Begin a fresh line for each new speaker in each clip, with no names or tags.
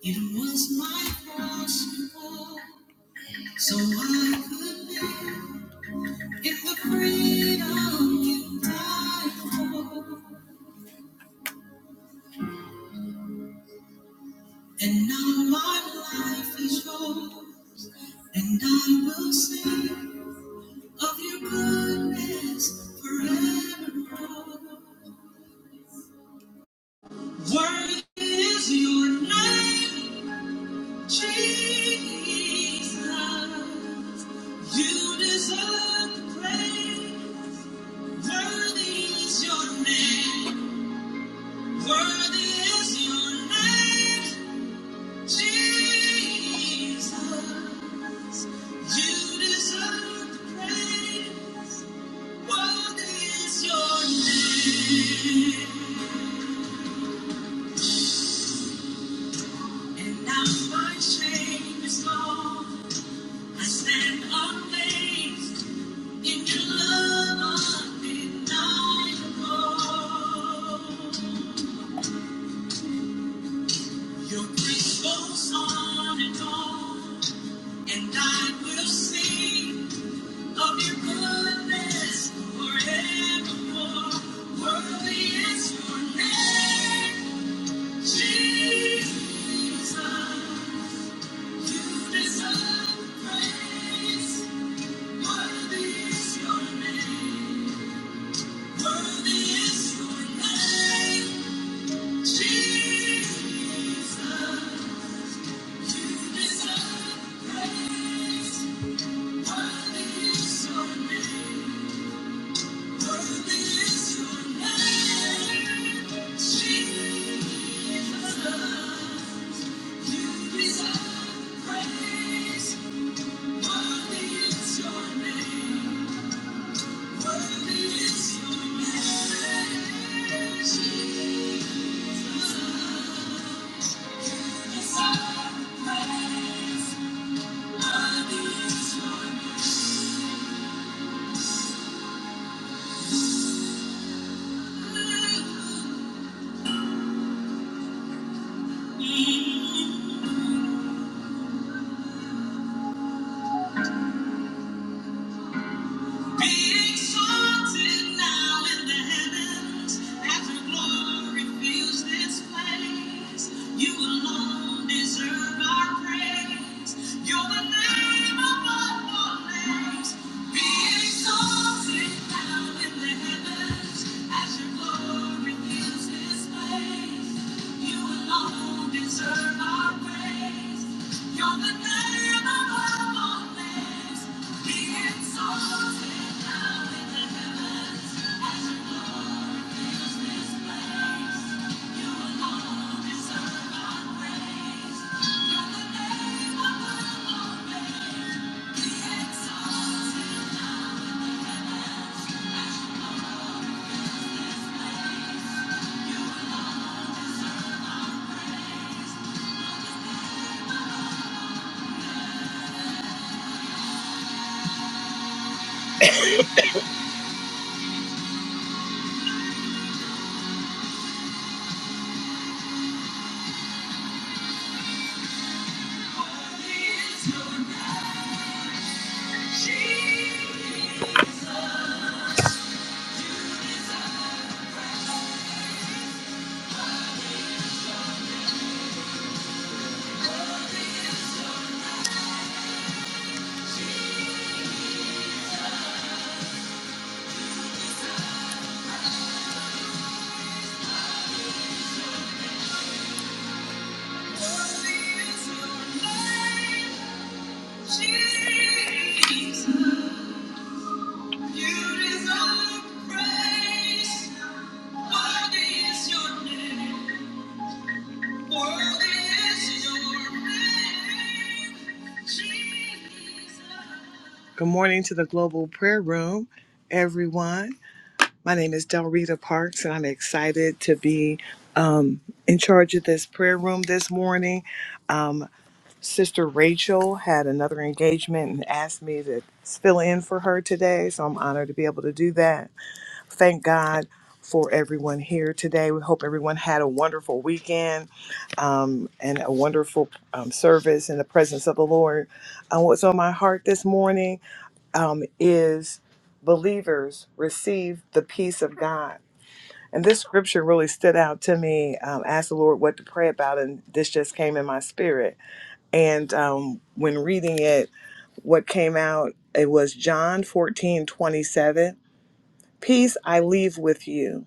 It was my cross you bore, so I could live. It was freedom you died for, and now my life is yours, and I will sing of your goodness forevermore. Worthy is your name, Jesus. You deserve the praise. Worthy is your name. Worthy is your name, Jesus. You deserve the praise. Worthy is your name. And now my shame is gone. I stand amazed in your love undeniable. Your grace goes on and on, and I will sing. of your goodness forevermore. Worthy is your name, Jesus. You deserve praise. Worthy is your name. Worthy is your name, Jesus. You deserve praise. Worthy is your name. Thank you. Be exalted now in the heavens as your glory fills this place. You alone deserve our praise. You're the name above all names. Be exalted. Jesus. Good morning to the Global Prayer Room, everyone. My name is Del Rita Parks, and I'm excited to be um, in charge of this prayer room this morning. Um, Sister Rachel had another engagement and asked me to fill in for her today, so I'm honored to be able to do that. Thank God for everyone here today. We hope everyone had a wonderful weekend um, and a wonderful um, service in the presence of the Lord. Uh, what's on my heart this morning um, is believers receive the peace of God. And this scripture really stood out to me. Um, asked the Lord what to pray about, and this just came in my spirit and um, when reading it, what came out, it was John 14 27. Peace I leave with you,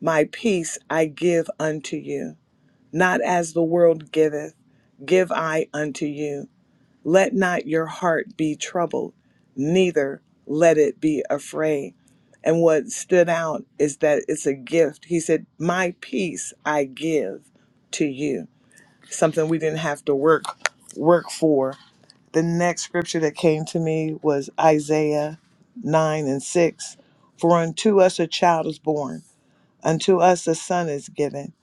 my peace I give unto you. Not as the world giveth, give I unto you. Let not your heart be troubled, neither let it be afraid. And what stood out is that it's a gift. He said, My peace I give to you. Something we didn't have to work work for the next scripture that came to me was Isaiah 9 and 6. For unto us a child is born, unto us a son is given,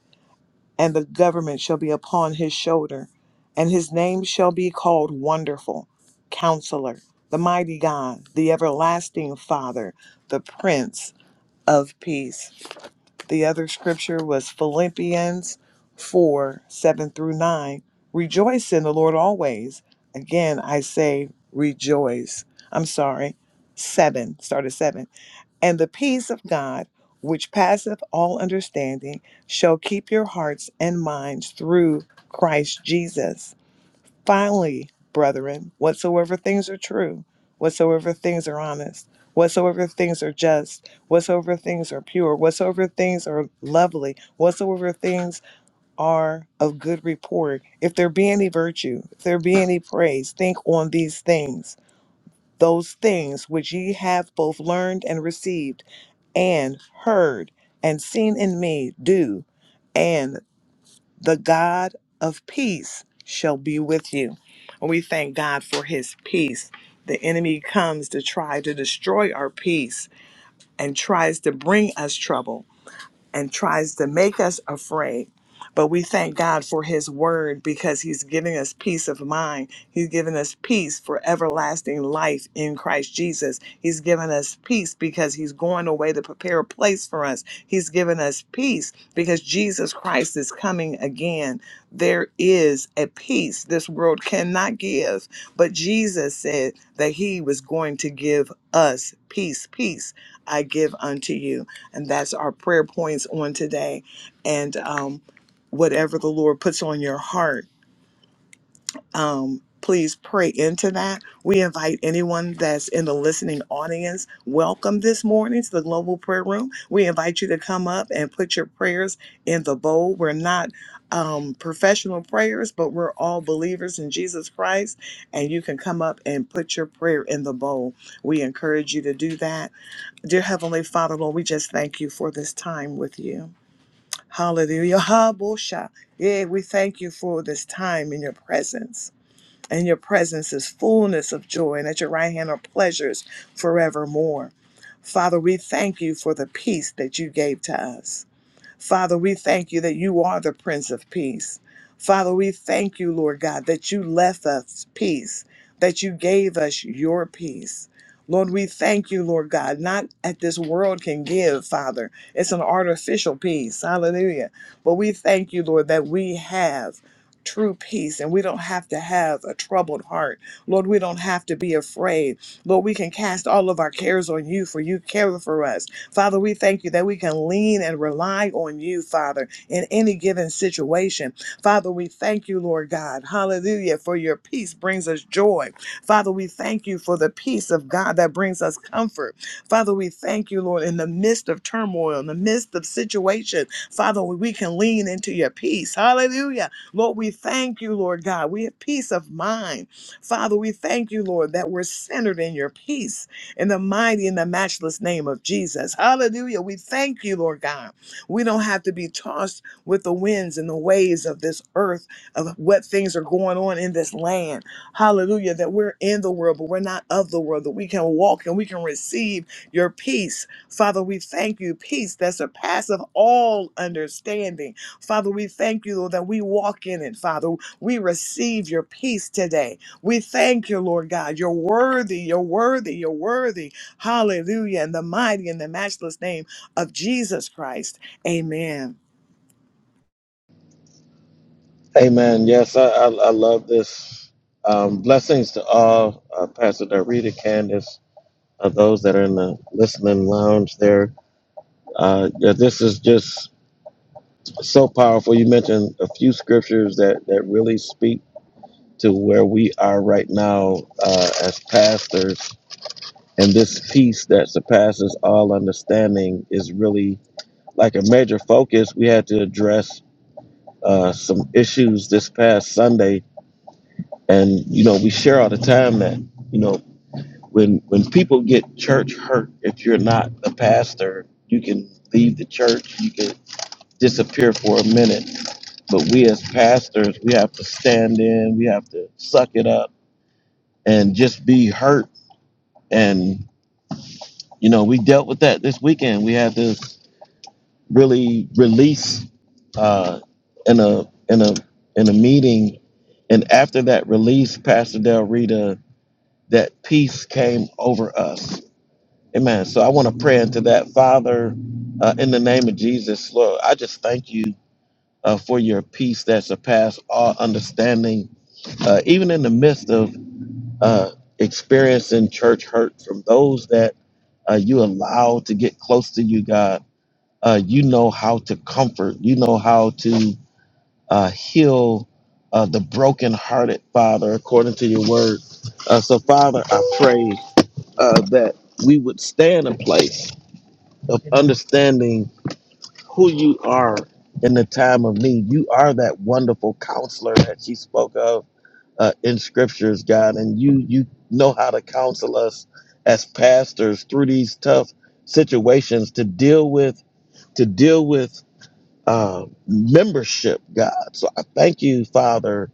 and the government shall be upon his shoulder, and his name shall be called Wonderful, Counselor, the Mighty God, the Everlasting Father, the Prince of Peace. The other scripture was Philippians 4 7 through 9. Rejoice in the Lord always. Again, I say rejoice. I'm sorry, 7, started 7. And the peace of God, which passeth all understanding, shall keep your hearts and minds through Christ Jesus. Finally, brethren, whatsoever things are true, whatsoever things are honest, whatsoever things are just, whatsoever things are pure, whatsoever things are lovely, whatsoever things are of good report, if there be any virtue, if there be any praise, think on these things. Those things which ye have both learned and received, and heard and seen in me, do, and the God of peace shall be with you. And we thank God for his peace. The enemy comes to try to destroy our peace and tries to bring us trouble and tries to make us afraid. But we thank God for His word because He's giving us peace of mind. He's giving us peace for everlasting life in Christ Jesus. He's given us peace because He's going away to prepare a place for us. He's given us peace because Jesus Christ is coming again. There is a peace this world cannot give, but Jesus said that He was going to give us peace. Peace I give unto you. And that's our prayer points on today. And um, whatever the Lord puts on your heart, um, please pray into that. We invite anyone that's in the listening audience, welcome this morning to the Global Prayer Room. We invite you to come up and put your prayers in the bowl. We're not um, professional prayers, but we're all believers in Jesus Christ. And you can come up and put your prayer in the bowl. We encourage you to do that Dear Heavenly Father, Lord, we just thank you for this time with you. Hallelujah. Habosha. Yeah, we thank you for this time in your presence. and your presence is fullness of joy, and at your right hand are pleasures forevermore. Father, we thank you for the peace that you gave to us. Father, we thank you that you are the Prince of Peace. Father, we thank you, Lord God, that you left us peace, that you gave us your peace. Lord, we thank you, Lord God, not that this world can give, Father. It's an artificial peace. Hallelujah. But we thank you, Lord, that we have true peace and we don't have to have a troubled heart. Lord, we don't have to be afraid. Lord, we can cast all of our cares on you, for you care for us. Father, we thank you that we can lean and rely on you, Father, in any given situation. Father, we thank you, Lord God. Hallelujah, for your peace brings us joy. Father, we thank you for the peace of God that brings us comfort. Father, we thank you, Lord, in the midst of turmoil, in the midst of situation. Father, we can lean into your peace. Hallelujah. Lord, we thank you, Lord God. We have peace of mind. Father, we thank you, Lord, that we're centered in your peace in the mighty and the matchless name of Jesus. Hallelujah. We thank you, Lord God. We don't have to be tossed with the winds and the waves of this earth, of what things are going on in this land. Hallelujah. That we're in the world, but we're not of the world, that we can walk and we can receive your peace. Father, we thank you, peace that surpasses all understanding. Father, we thank you, Lord, that we walk in it, Father. We receive your peace today. We thank you, Lord God. You're worthy, you're worthy, you're worthy. Hallelujah. In the mighty and the matchless name of Jesus Christ. Amen.
Amen. Yes, I, I, I love this. Um, blessings to all, uh, Pastor Dorita, Candace, uh, those that are in the listening lounge there. Uh, yeah, this is just so powerful. You mentioned a few scriptures that, that really speak to where we are right now uh, as pastors. And this peace that surpasses all understanding is really like a major focus. We had to address uh, some issues this past Sunday And you know, we share all the time that you know when when people get church hurt, if you're not a pastor, you can leave the church, you can disappear for a minute. But we as pastors, we have to stand in, we have to suck it up, and just be hurt. And you know, we dealt with that this weekend. We had to really release uh, in a in a in a meeting, and after that release, Pastor Del Rita that peace came over us. Amen. So I want to pray into that, Father, uh, in the name of Jesus, Lord. I just thank you uh, for your peace that surpasses all understanding, uh, even in the midst of uh, experiencing church hurt from those that uh, you allow to get close to you, God. Uh, you know how to comfort. You know how to uh, heal uh, the brokenhearted, Father, according to your word. Uh, so, Father, I pray uh, that we would stay in a place of understanding who you are in the time of need. You are that wonderful counselor that she spoke of uh, in scriptures, God, and you you know how to counsel us as pastors through these tough situations to deal with to deal with uh, membership, God. So I thank you, Father,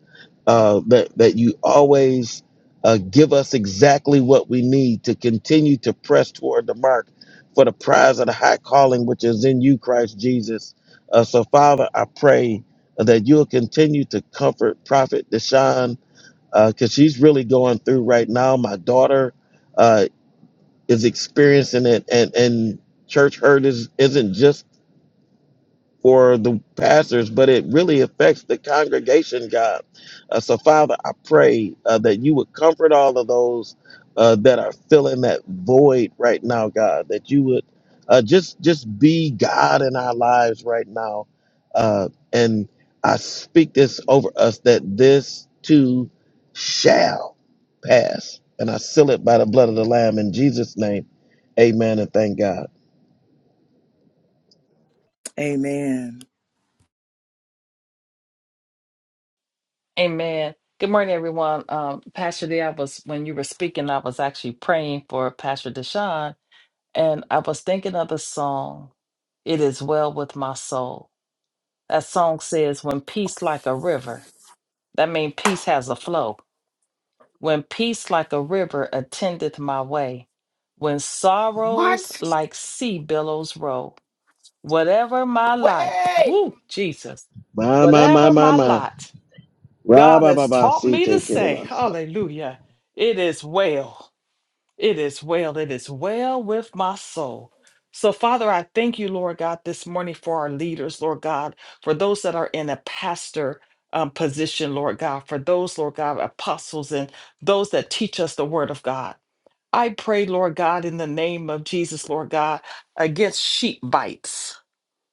uh, that that you always uh, give us exactly what we need to continue to press toward the mark for the prize of the high calling which is in you, Christ Jesus. Uh, so, Father, I pray that you'll continue to comfort Prophet Deshaun because she's really going through right now. My daughter uh, is experiencing it, and and church hurt is isn't just for the pastors, but it really affects the congregation, God. Uh, so, Father, I pray uh, that you would comfort all of those uh, that are filling that void right now, God. That you would uh, just just be God in our lives right now, uh, and I speak this over us that this too shall pass, and I seal it by the blood of the Lamb in Jesus' name. Amen and thank God.
Amen.
Amen. Good morning, everyone. Um, Pastor D, I was when you were speaking, I was actually praying for Pastor Deshaun, and I was thinking of the song, It Is Well With My Soul. That song says, When peace like a river, that means peace has a flow. When peace like a river attendeth my way, when sorrows
What?
like sea billows roll, whatever my life,
Wait!
whoo, Jesus,
My my my
whatever
my
my
my.
lot. God has taught me to say,
Rabababasitekelebasa.
Hallelujah, it is well, it is well, it is well with my soul. So, Father, I thank you, Lord God, this morning for our leaders, Lord God, for those that are in a pastor um, position, Lord God, for those, Lord God, apostles and those that teach us the word of God. I pray, Lord God, in the name of Jesus, Lord God, against sheep bites.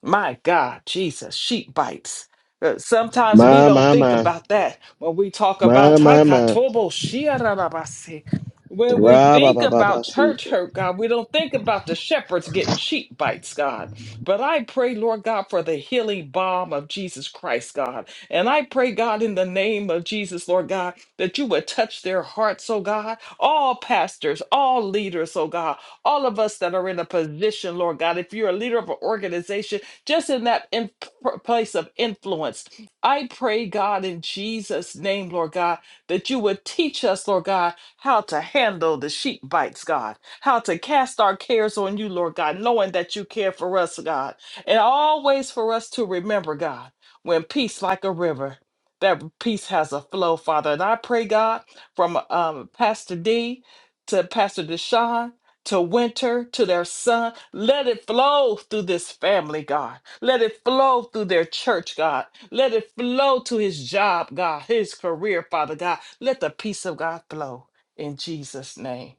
My God, Jesus, sheep bites. Uh, Sometimes we
My,
don't
my,
think
my.
about that when we talk about
My, my, my.
Takatobo shiarabase. when we think about church
Rababababasite.
hurt, God, we don't think about the shepherds getting sheep bites, God. But I pray, Lord God, for the healing balm of Jesus Christ, God. And I pray, God, in the name of Jesus, Lord God, that you would touch their hearts, oh God. All pastors, all leaders, oh God, all of us that are in a position, Lord God, if you're a leader of an organization, just in that in- place of influence. I pray, God, in Jesus' name, Lord God, that you would teach us, Lord God, how to handle the sheep bites, God, how to cast our cares on you, Lord God, knowing that you care for us, God, and always for us to remember, God, when peace like a river. That peace has a flow, Father. And I pray, God, from um, Pastor D to Pastor Deshaun to Winter, to their son. Let it flow through this family, God. Let it flow through their church, God. Let it flow to his job, God, his career, Father God. Let the peace of God flow in Jesus' name.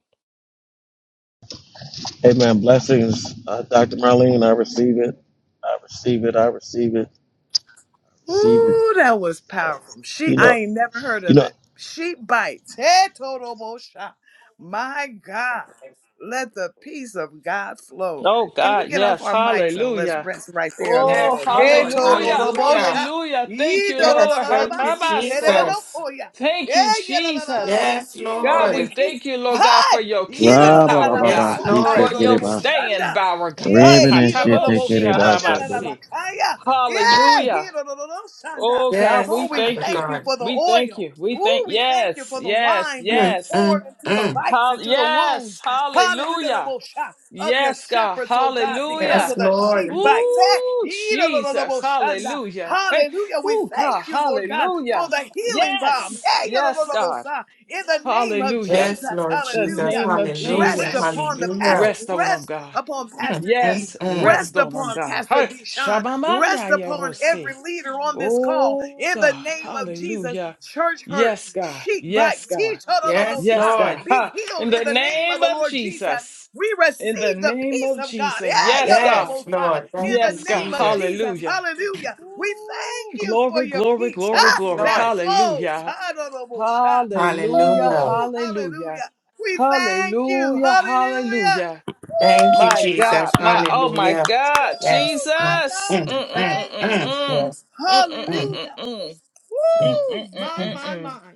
Amen. Blessings, uh, Dr. Marlene. I receive it. I receive it. I receive it. Receive it.
Ooh, that was powerful. She,
You
I
know,
ain't never heard
you
of
know.
it. Sheep bites. Hey, total bullshit. My God. Let the peace of God flow.
Oh,
Can we
God,
get off
yes.
our mics and let's
Hallelujah.
rest right there a
Oh,
Yes,
minute? Hey,
Lord.
total
hallelujah.
Hallelujah.
bullshit.
Hallelujah. Thank
Yee,
you,
do, do, do,
Yes,
Lord.
do, do, ba,
thank you,
si, te, de, de,
Hatabaso.
do,
Jesus.
ko, ya.
Thank
Yeah,
you,
yeah, da, da, da, da, da,
Jesus.
bo,
Yes,
si, ne, ne,
God,
ne,
we
Lord.
ki.
thank you, Lord God, for
Hi.
your
Yee, do, do,
keeping
do, do,
power,
do, ba,
Yes,
God,
sa, ta,
for
yo, do,
Lord.
do,
your
bo,
Rababababasitekeleba.
staying
shanda.
power, God.
Yeah,
Ribbon
he,
and
do, do,
shit,
do, bo,
take
shanda, da, da,
it,
ba,
Hakataboshiarabasi.
ka, ya. Yeah,
Hallelujah.
here, no, no, no, no, shanda.
Oh, God,
Yes,
Lord,
we
we
Father
thank you.
thank you
God.
for the
We thank
oil.
you. We
Ooh,
thank,
we thank you
yes,
for the
yes,
wine being
Mm,
yes.
mm,
poured into the
mm.
bites,
Hall-
into the
yes,
wounds. Hallelujah, the
hallelujah.
most shout of your
Yes, God,
shepherds, oh God, because
Yes,
hallelujah.
of the sheep
Lord.
bites. Eh,
Ooh,
yee, no, no, no, no,
Jesus,
most shanda.
hallelujah. Hey,
Hallelujah, we
ooh,
thank
God,
you, Lord God, for
hallelujah.
the healing balm.
Yes,
Eh,
yes, God.
Hirororosa. In the name of
Hallelujah.
Yes,
Jesus,
Lord
The
Jesus.
hallelujah.
name of
Hallelujah.
Rest
Jesus.
upon the
Hallelujah.
pastors,
Rest on them,
rest
God.
upon
Mm,
Pastor D.
mm,
Yes,
mm.
rest
Rest
on them,
upon
God.
Pastor
Hey,
Deshaun. Rest
Shabamanda
upon every
Yarose.
leader on this call.
Oh,
In the
God.
name of Jesus,
Hallelujah.
church hurt,
Yes, God.
sheep
Yes,
bites, he
God.
Yes,
Yes, God.
Lord.
be
Ha.
healed
In
in
the
the name of
name
the
of
Lord Jesus.
Jesus.
We
In the
receive the
name
peace
of
of God.
Jesus.
Eh,
Yes, God.
Yes,
yadadabosa,
Lord.
In
Thank you,
Yes,
the
God.
name of
Jesus.
Jesus.
Hallelujah.
Hallelujah. We
Ooh,
thank you for
glory,
your
glory,
peace
glory,
huh,
Yes,
glory.
that
Lord.
flows.
Hallelujah.
Hadadabosa.
Hallelujah,
Hallelujah.
Woo,
hallelujah,
hallelujah. We thank you.
hallelujah,
Hallelujah.
hallelujah.
Thank you,
My
Oh my
God,
Jesus.
my
God.
oh my
Hallelujah.
God,
Yes.
Woo! My
Mm,
Jesus.
God, we
mm,
Mm, mm,
mm,
mm,
thank
mm.
mm,
you.
mm.
Yes.
Mm, mm, mm,
Mm,
mm,
Hallelujah.
mm.
mm.
Mm, mm,
Woo!
mm,
My,
Oh,
mm,
my,
mm.
my.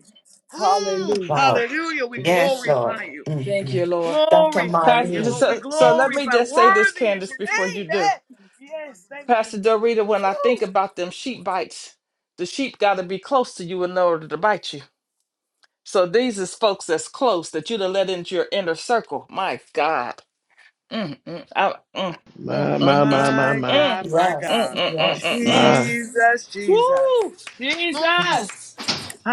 Mm,
Hallelujah.
wow.
hallelujah. We
Yes, Lord.
glorify you.
Mm,
Thank you,
mm.
Lord.
Dr.
Glorify
Pastor,
you,
so,
Lord.
Marlene.
We
so so let me
glorify.
just say this,
Worthy is
Candace,
your
before you
name.
do.
Eh? Yes, thank you.
Pastor Dorita, when I think
Woo!
about them sheep bites, the sheep got to be close to you in order to bite you. So these is folks that's close that you'd have let into your inner circle. My God. Mm, mm, I- mm, mm, mm,
My, my,
mm, mm,
my, my,
My
mm,
my.
mm,
God, my
Yes.
God.
mm, mm, mm,
Yes.
mm.
My
Yes.
Jesus, Jesus.
Woo!
Mm.
Mm,
Jesus!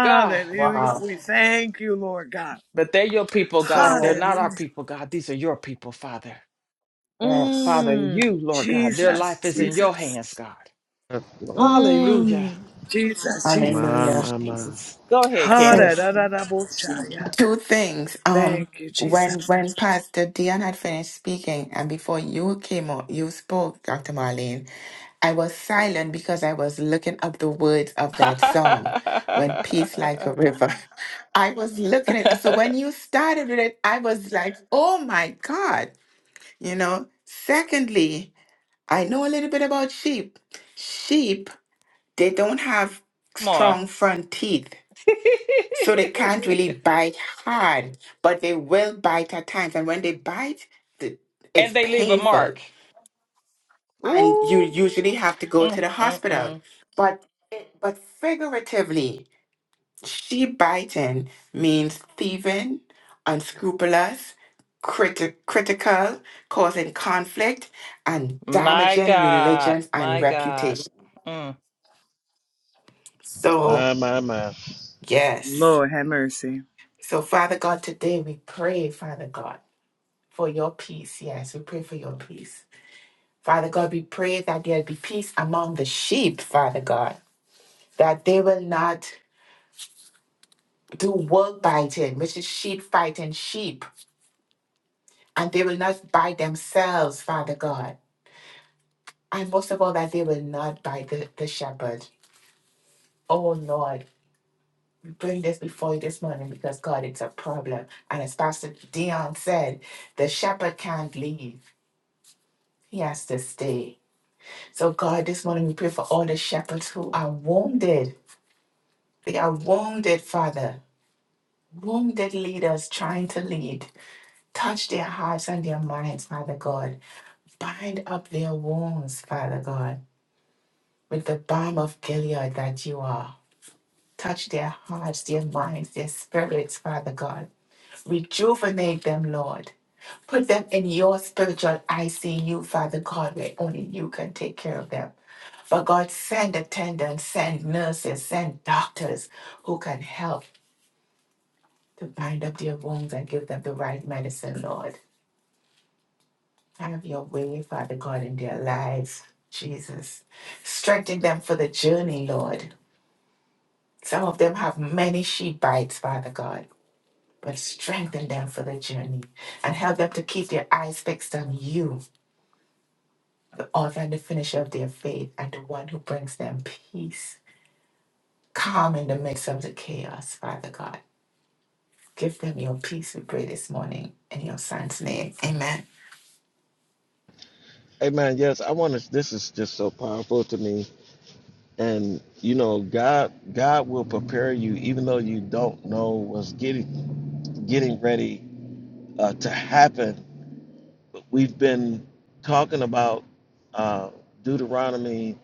God.
Wow.
We thank you, Lord God.
But they're your people, God. They're
So,
not our
Hallelujah.
people, God. These are your people, Father.
yes.
Father,
Mm,
you, Lord God, their life
Jesus,
is in your
Jesus.
hands, God.
God, Lord.
Hallelujah.
Mm. Jesus, Jesus.
My,
Hallelujah.
my, my.
Jesus. Go ahead,
So,
Candace.
Ha-da-da-da-da-bo-shaya.
two things. Um,
Thank you, Jesus.
when when Pastor Dion had finished speaking, and before you came on, you spoke, Dr. Marlene I was silent because I was looking up the words of that song, When Peace Like a River. I was looking at so when you started with it, I was like, oh my God. You know, secondly, I know a little bit about sheep. Sheep, they don't have
Come on.
strong front teeth. So they can't really bite hard, but they will bite at times. And when they bite, the-
and
it's
they leave a
painful
mark.
and you
Ooh,
usually have to go
mm,
to the
mm,
hospital.
mm.
But but figuratively, she-biting means thieving, unscrupulous, criti- critical, causing conflict, and
my
damaging
God,
religions and
my God.
reputation.
Mm,
So
My, my, my.
yes.
Lord, have mercy.
So Father God, today we pray, Father God, for your peace. Yes, we pray for your peace. Father God, we pray that there'll be peace among the sheep, Father God, that they will not do work biting, which is sheep fighting sheep, and they will not bite themselves, Father God. And most of all, that they will not bite the, the shepherd. Oh Lord, we bring this before you this morning because God, it's a problem. And as Pastor Dion said, the shepherd can't leave. He has to stay. So God, this morning we pray for all the shepherds who are wounded. They are wounded, Father. Wounded leaders trying to lead. Touch their hearts and their minds, Father God Bind up their wounds, Father God, with the balm of Gilead that you are. Touch their hearts, their minds, their spirits, Father God. Rejuvenate them, Lord. Put them in your spiritual ICU, Father God, where only you can take care of them. But God, send attendants, send nurses, send doctors who can help to bind up their wounds and give them the right medicine, Lord. Have your way, Father God, in their lives, Jesus. Strengthen them for the journey, Lord. Some of them have many sheep bites, Father God, but strengthen them for the journey and help them to keep their eyes fixed on you, the author and the finisher of their faith, and the one who brings them peace. Calm in the midst of the chaos, Father God. Give them your peace, we pray this morning, in your son's name. Amen.
Amen. Yes, I want to. This is just so powerful to me. And you know, God, God will prepare you, even though you don't know what's getting getting ready uh, to happen. We've been talking about uh, Deuteronomy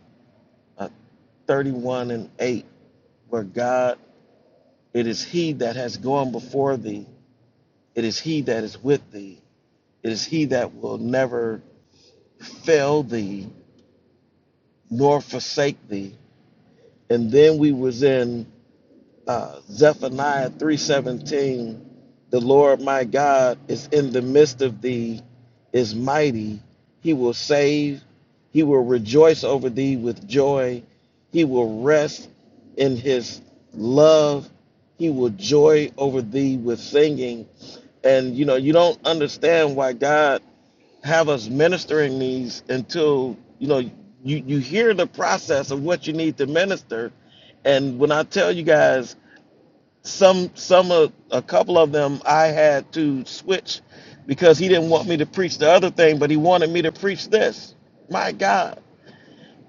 uh, 31 and 8, where God, it is He that has gone before thee, it is He that is with thee, it is He that will never fail thee nor forsake thee. And then we was in uh, Zephaniah 3:17. The Lord my God is in the midst of thee, is mighty. He will save. He will rejoice over thee with joy. He will rest in his love. He will joy over thee with singing. And you know, you don't understand why God have us ministering these until you know you you hear the process of what you need to minister and when i tell you guys some some of a couple of them i had to switch because he didn't want me to preach the other thing but he wanted me to preach this my god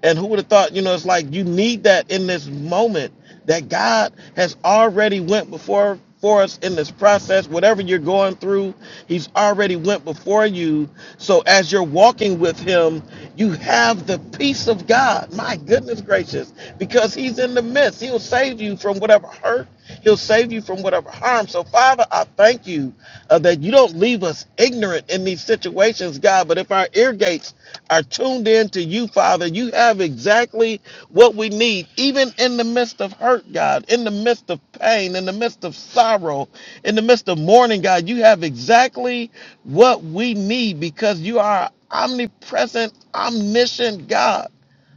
and who would have thought, you know, it's like you need that in this moment that God has already went before for us in this process whatever you're going through he's already went before you so as you're walking with him you have the peace of god my goodness gracious because he's in the midst he'll save you from whatever hurt he'll save you from whatever harm so father i thank you uh, that you don't leave us ignorant in these situations god but if our ear gates are tuned in to you, Father. You have exactly what we need, even in the midst of hurt, God, in the midst of pain, in the midst of sorrow, in the midst of mourning, God. You have exactly what we need because you are omnipresent, omniscient God.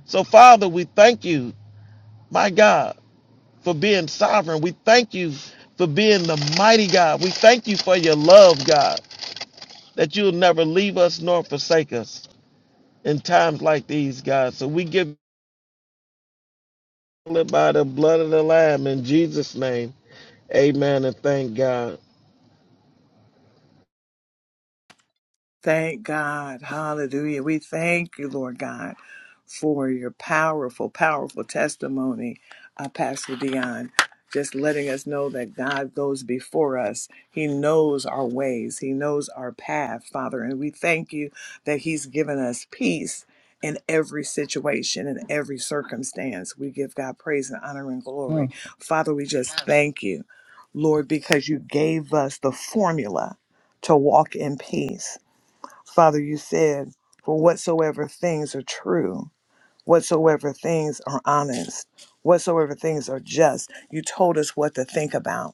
So, Father, we thank you, my God, for being sovereign. We thank you for being the mighty God. We thank you for your love, God, that you'll never leave us nor forsake us in times like these, God. So we give it by the blood of the Lamb in Jesus' name. Amen and thank God.
Thank God. Hallelujah. We thank you, Lord God, for your powerful, powerful testimony, uh, Pastor Dion. Just letting us know that God goes before us. He knows our ways, He knows our path, Father. And we thank you that He's given us peace in every situation, in every circumstance. We give God praise and honor and glory.
mm.
Father, we just thank you, Lord, because you gave us the formula to walk in peace. Father, you said, for whatsoever things are true, whatsoever things are honest, whatsoever things are just, you told us what to think about.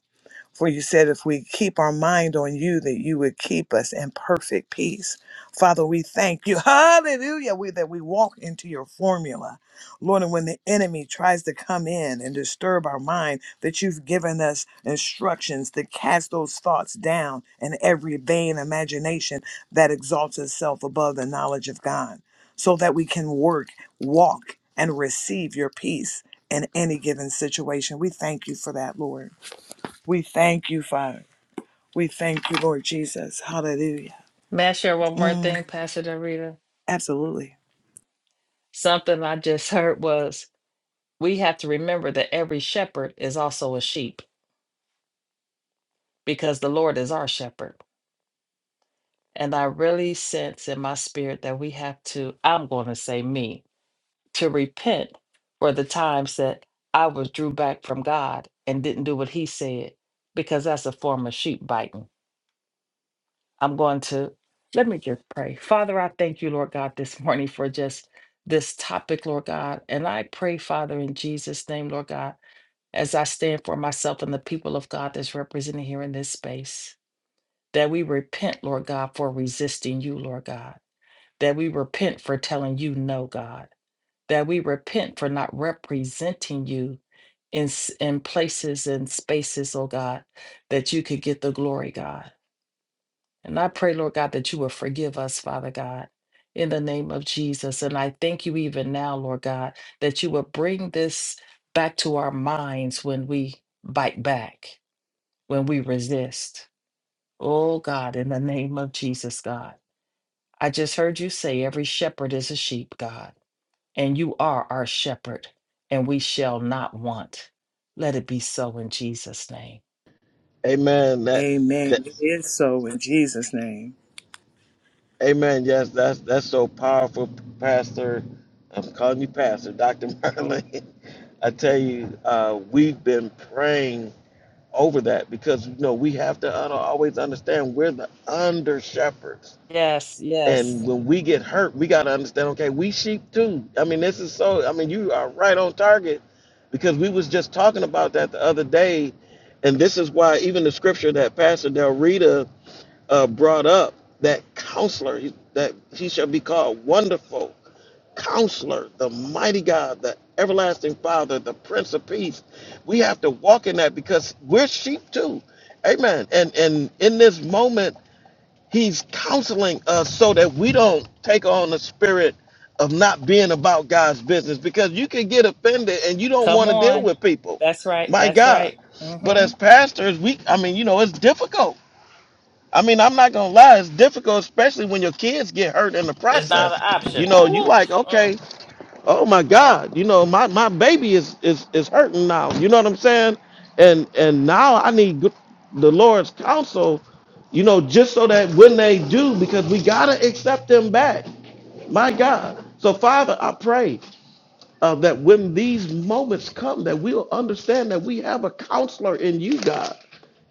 For you said, if we keep our mind on you, that you would keep us in perfect peace. Father, we thank you. Hallelujah. We, that we walk into your formula. Lord, and when the enemy tries to come in and disturb our mind, that you've given us instructions to cast those thoughts down and every vain imagination that exalts itself above the knowledge of God, so that we can work, walk, and receive your peace in any given situation. We thank you for that, Lord. We thank you, Father. We thank you, Lord Jesus. Hallelujah.
May I share one more
Mm,
thing, Pastor Dorita?
absolutely.
Something I just heard was we have to remember that every shepherd is also a sheep because the Lord is our shepherd. And I really sense in my spirit that we have to, I'm going to say me, to repent for the times that I was drew back from God and didn't do what he said because that's a form of sheep biting I'm going to let me just pray. Father, I thank you, Lord God, this morning for just this topic, Lord God. And I pray, Father, in Jesus' name, Lord God, as I stand for myself and the people of God that's represented here in this space, that we repent, Lord God, for resisting you, Lord God, that we repent for telling you no, God, that we repent for not representing you in, s- in places and spaces, oh God, that you could get the glory, God. And I pray, Lord God, that you will forgive us, Father God, in the name of Jesus. And I thank you even now, Lord God, that you will bring this back to our minds when we bite back, when we resist. Oh, God, in the name of Jesus, God. I just heard you say every shepherd is a sheep, God, and you are our shepherd, and we shall not want. Let it be so in Jesus' name.
Amen. That that
Amen. It is so in Jesus' name.
Amen. Yes, that's that's so powerful, Pastor. I'm calling you Pastor, Dr. Merlin. I tell you, uh, we've been praying over that because you know we have to un- always understand we're the under shepherds
Yes, yes.
And when we get hurt, we got to understand, okay, we sheep too. I mean, this is so, I mean, you are right on target because we was just talking about that the other day. And this is why even the scripture that Pastor Del Rita uh, brought up, that counselor, he- that he shall be called wonderful counselor, the mighty God, the everlasting father, the prince of peace. We have to walk in that because we're sheep too. Amen. And, and in this moment, He's counseling us so that we don't take on the spirit of not being about God's business because you can get offended and you don't
Come
want to deal
on.
with people.
That's right.
My
That's
God.
right.
But
Mm-hmm.
as pastors, we I mean, you know, it's difficult. I mean, I'm not gonna lie, it's difficult, especially when your kids get hurt in the
It's not an
process. You
option.
know, you
Oof.
like,
Mm,
okay, oh my
mm.
God, you know, my, my baby is, is is hurting now. You know what I'm saying? And and now I need good- the Lord's counsel, you know, just so that when they do, because we gotta accept them back. My God. So Father, I pray uh, that when these moments come, that we'll understand that we have a counselor in you, God.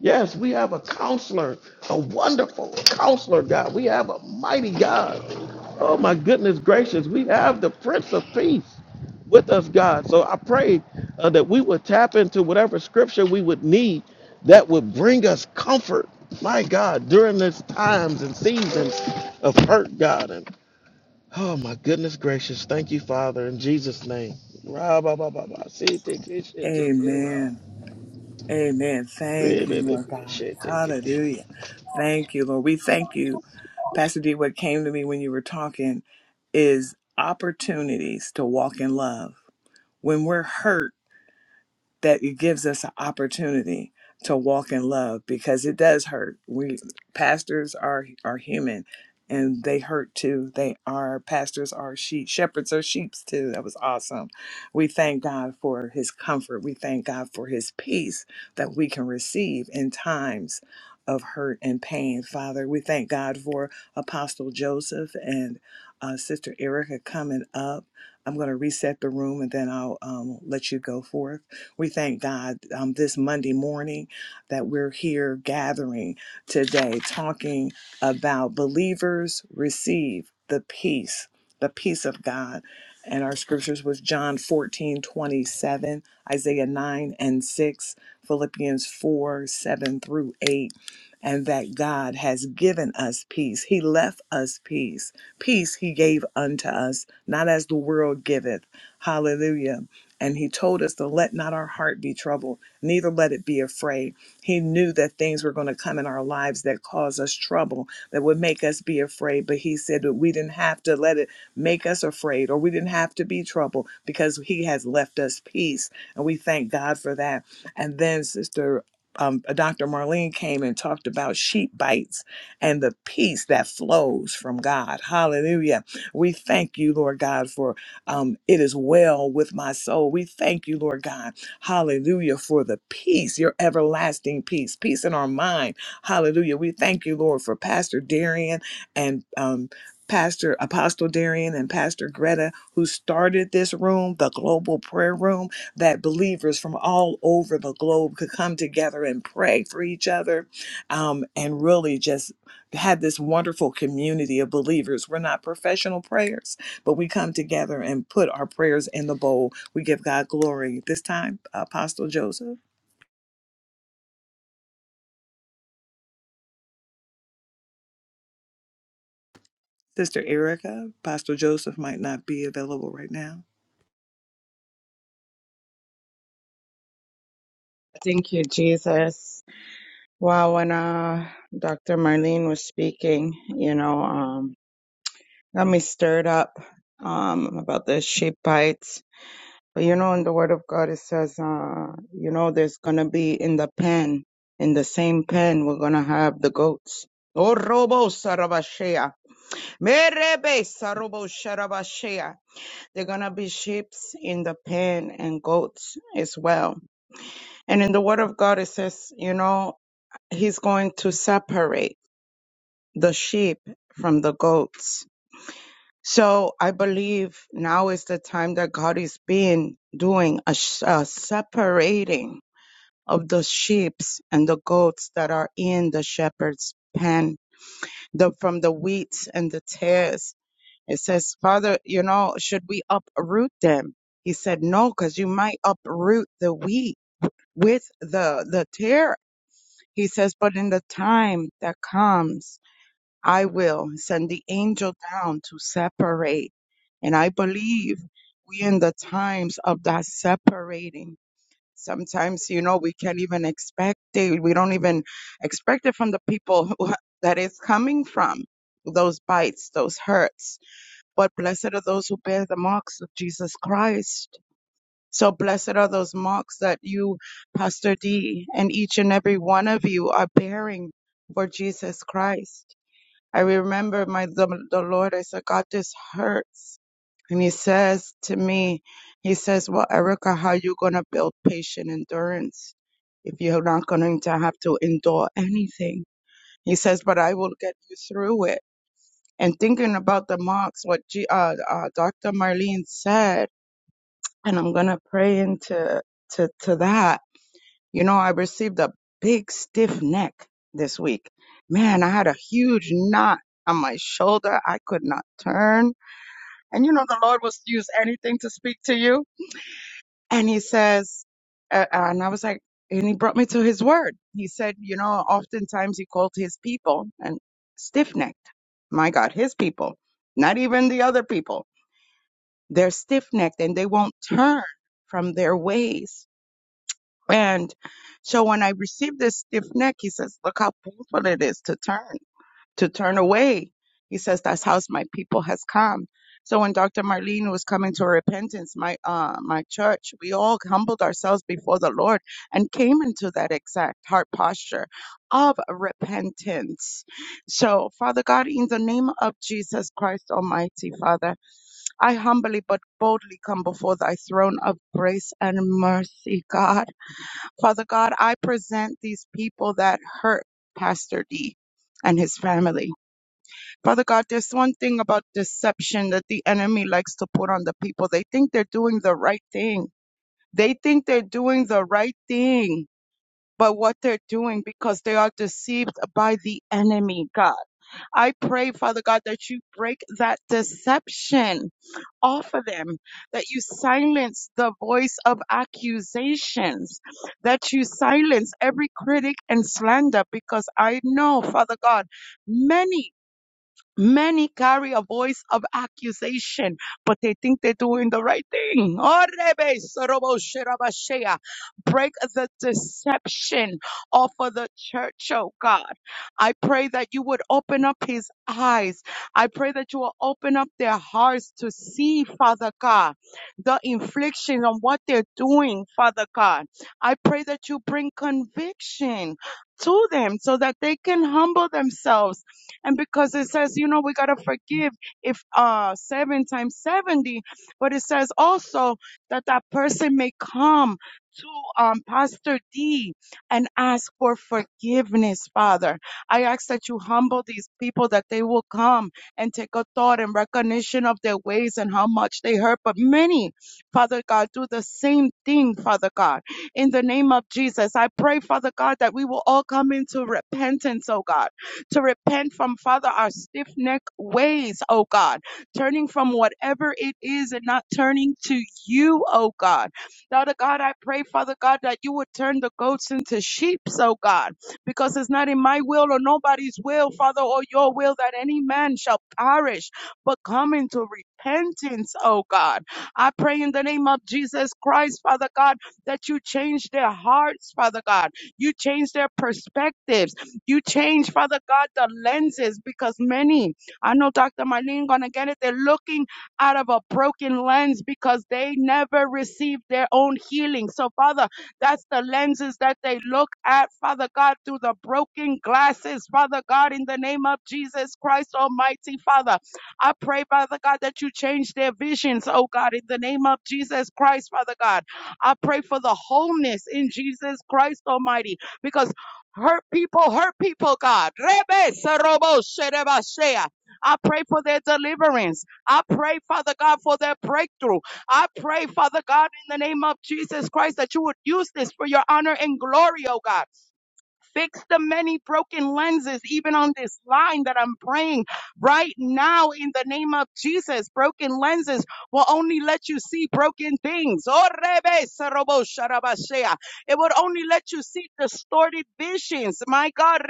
Yes, we have a counselor, a wonderful counselor, God. We have a mighty God. Oh, my goodness gracious. We have the Prince of Peace with us, God. So I pray uh, that we would tap into whatever scripture we would need that would bring us comfort, my God, during these times and seasons of hurt, God. and Oh my goodness gracious. Thank you, Father, in Jesus' name. Ra ba ba ba ba. See, take it, shit, take it, ra.
Amen. Amen.
Re,
Thank you,
be, be,
Lord
be,
God.
shit, take it.
Hallelujah. Thank you, Lord. We thank you. Pastor D, what came to me when you were talking is opportunities to walk in love. When we're hurt, that it gives us an opportunity to walk in love because it does hurt. We pastors are are human and they hurt too. They are pastors are sheep, shepherds are sheep too. That was awesome. We thank God for his comfort. We thank God for his peace that we can receive in times of hurt and pain. Father, we thank God for Apostle Joseph and uh, Sister Erica coming up. I'm going to reset the room and then I'll um, let you go forth. We thank God um, this Monday morning that we're here gathering today talking about believers receive the peace, the peace of God. And our scriptures was John 14 27, Isaiah 9 and 6, Philippians 4, 7 through 8 and that God has given us peace. He left us peace. Peace he gave unto us, not as the world giveth. Hallelujah and he told us to let not our heart be troubled, neither let it be afraid. He knew that things were going to come in our lives that cause us trouble, that would make us be afraid. But he said that we didn't have to let it make us afraid or we didn't have to be troubled because he has left us peace. And we thank God for that. And then, Sister. Um, Dr. Marlene came and talked about sheep bites and the peace that flows from God. Hallelujah. We thank you, Lord God, for um, it is well with my soul. We thank you, Lord God. Hallelujah for the peace, your everlasting peace, peace in our mind. Hallelujah. We thank you, Lord, for Pastor Darian and um, Pastor Apostle Darian and Pastor Greta, who started this room, the global prayer room, that believers from all over the globe could come together and pray for each other um, and really just had this wonderful community of believers. We're not professional prayers but we come together and put our prayers in the bowl. We give God glory. This time, Apostle Joseph, Sister Erica, Apostle Joseph might not be available right now.
Thank you, Jesus. Wow, when uh, Dr. Marlene was speaking, you know, um, got me stirred up um, about the sheep bites. But you know, in the Word of God, it says, uh, you know, there's going to be in the pen, in the same pen, we're going to have the goats. Oh, robo sarabashea. Merebe sarobo sharabashea. They're going to be sheeps in the pen and goats as well. And in the Word of God, it says, you know, he's going to separate the sheep from the goats. So I believe now is the time that God is being doing a, sh- a separating of the sheeps and the goats that are in the shepherd's pen, the from the wheats and the tares. It says, Father, you know, should we uproot them? He said, No, because you might uproot the wheat with the the tear. He says, but in the time that comes, I will send the angel down to separate. And I believe we in the times of that separating. Sometimes, you know, we can't even expect it. We don't even expect it from the people who, that it's coming from. Those bites, those hurts. But blessed are those who bear the marks of Jesus Christ. So blessed are those marks that you, Pastor D, and each and every one of you are bearing for Jesus Christ I remember my the, the Lord. I said, God, this hurts. And He says to me, He says, Well, Erica, how you gonna build patient endurance if you're not going to have to endure anything? He says, But I will get you through it. And thinking about the marks, what G, uh, uh, Dr. Marlene said, and I'm gonna pray into to to that you know, I received a big stiff neck this week. Man, I had a huge knot on my shoulder. I could not turn. And you know, the Lord will use anything to speak to you. And he says, uh, and I was like, and he brought me to his word. He said, you know, oftentimes he called his people and stiff necked. My God, his people, not even the other people. They're stiff necked and they won't turn from their ways And so when I received this stiff neck, he says, look how painful it is to turn, to turn away. He says, that's how my people has come. So when Dr. Marlene was coming to repentance, my, uh, my church, we all humbled ourselves before the Lord and came into that exact heart posture of repentance. So Father God, in the name of Jesus Christ Almighty, Father, I humbly but boldly come before thy throne of grace and mercy, God. Father God, I present these people that hurt Pastor D and his family. Father God, there's one thing about deception that the enemy likes to put on the people. They think they're doing the right thing. They think they're doing the right thing. But what they're doing because they are deceived by the enemy, God. I pray, Father God, that you break that deception off of them, that you silence the voice of accusations, that you silence every critic and slander, because I know, Father God, many. Many carry a voice of accusation, but they think they're doing the right thing. Break the deception off of the church, oh God. I pray that you would open up his eyes. I pray that you will open up their hearts to see, Father God, the infliction on what they're doing, Father God. I pray that you bring conviction to them so that they can humble themselves and because it says, you know, we got to forgive if uh, seven times 70, but it says also that that person may come to um, Pastor D and ask for forgiveness, Father. I ask that you humble these people, that they will come and take a thought and recognition of their ways and how much they hurt. But many, Father God, do the same thing, Father God. In the name of Jesus, I pray, Father God, that we will all come into repentance, oh God to repent from, Father, our stiff necked ways, oh God, turning from whatever it is and not turning to you, oh God. Father God, I pray, Father God, that you would turn the goats into sheep, oh God, because it's not in my will or nobody's will, Father, or your will that any man shall perish, but come into repentance, oh God. I pray in the name of Jesus Christ, Father God, that you change their hearts, Father God. You change their perspectives you change, Father God, the lenses because many, I know Dr. Marlene gonna get it, they're looking out of a broken lens because they never received their own healing. So, Father, that's the lenses that they look at, Father God, through the broken glasses, Father God, in the name of Jesus Christ Almighty, Father. I pray, Father God, that you change their visions, oh God, in the name of Jesus Christ, Father God. I pray for the wholeness in Jesus Christ Almighty, because Hurt people, hurt people, God. Rebe Sarobo Sherebashea. I pray for their deliverance. I pray, Father God, for their breakthrough. I pray, Father God, in the name of Jesus Christ, that you would use this for your honor and glory, oh God. Fix the many broken lenses, even on this line that I'm praying right now in the name of Jesus. Broken lenses will only let you see broken things. Oh, It would only let you see distorted visions. My God,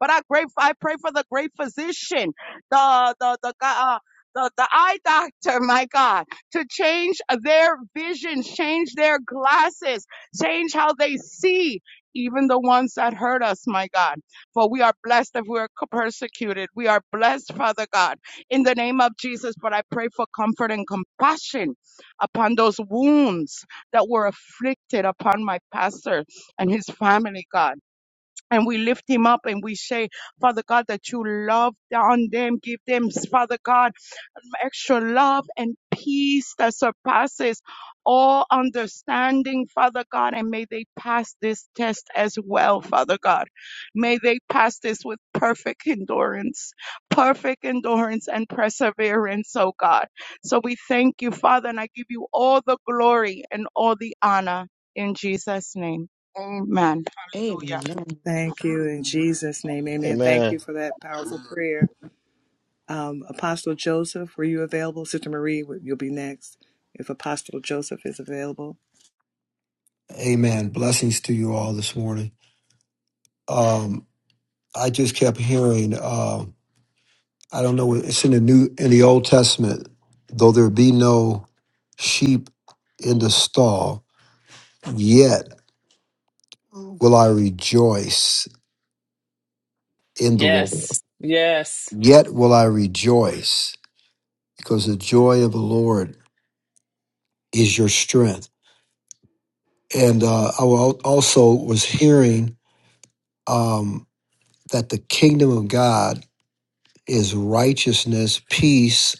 But I pray, I pray for the great physician, the the the Uh, the, the eye doctor, my God, to change their vision, change their glasses, Change how they see even the ones that hurt us, my God. For we are blessed if we are persecuted. We are blessed, Father God, in the name of Jesus. But I pray for comfort and compassion upon those wounds that were afflicted upon my pastor and his family, God. And we lift him up and we say, Father God, that you love on them, give them, Father God extra love and peace that surpasses all understanding, Father God. And may they pass this test as well, Father God. May they pass this with perfect endurance, perfect endurance and perseverance, oh God. So we thank you, Father, and I give you all the glory and all the honor in Jesus' name. Amen. Hallelujah.
Amen.
Thank you in Jesus' name, amen. Thank
Amen.
you for that powerful prayer. Um, Apostle Joseph, were you available? Sister Marie, you'll be next if Apostle Joseph is available.
Amen. Blessings to you all this morning. Um, I just kept hearing. Uh, I don't know. It's in the new in the Old Testament. Though there be no sheep in the stall, yet will I rejoice in the Lord.
Yes. Yes.
Yet will I rejoice because the joy of the Lord is your strength. And uh, I will- also was hearing um, that the kingdom of God is righteousness, peace,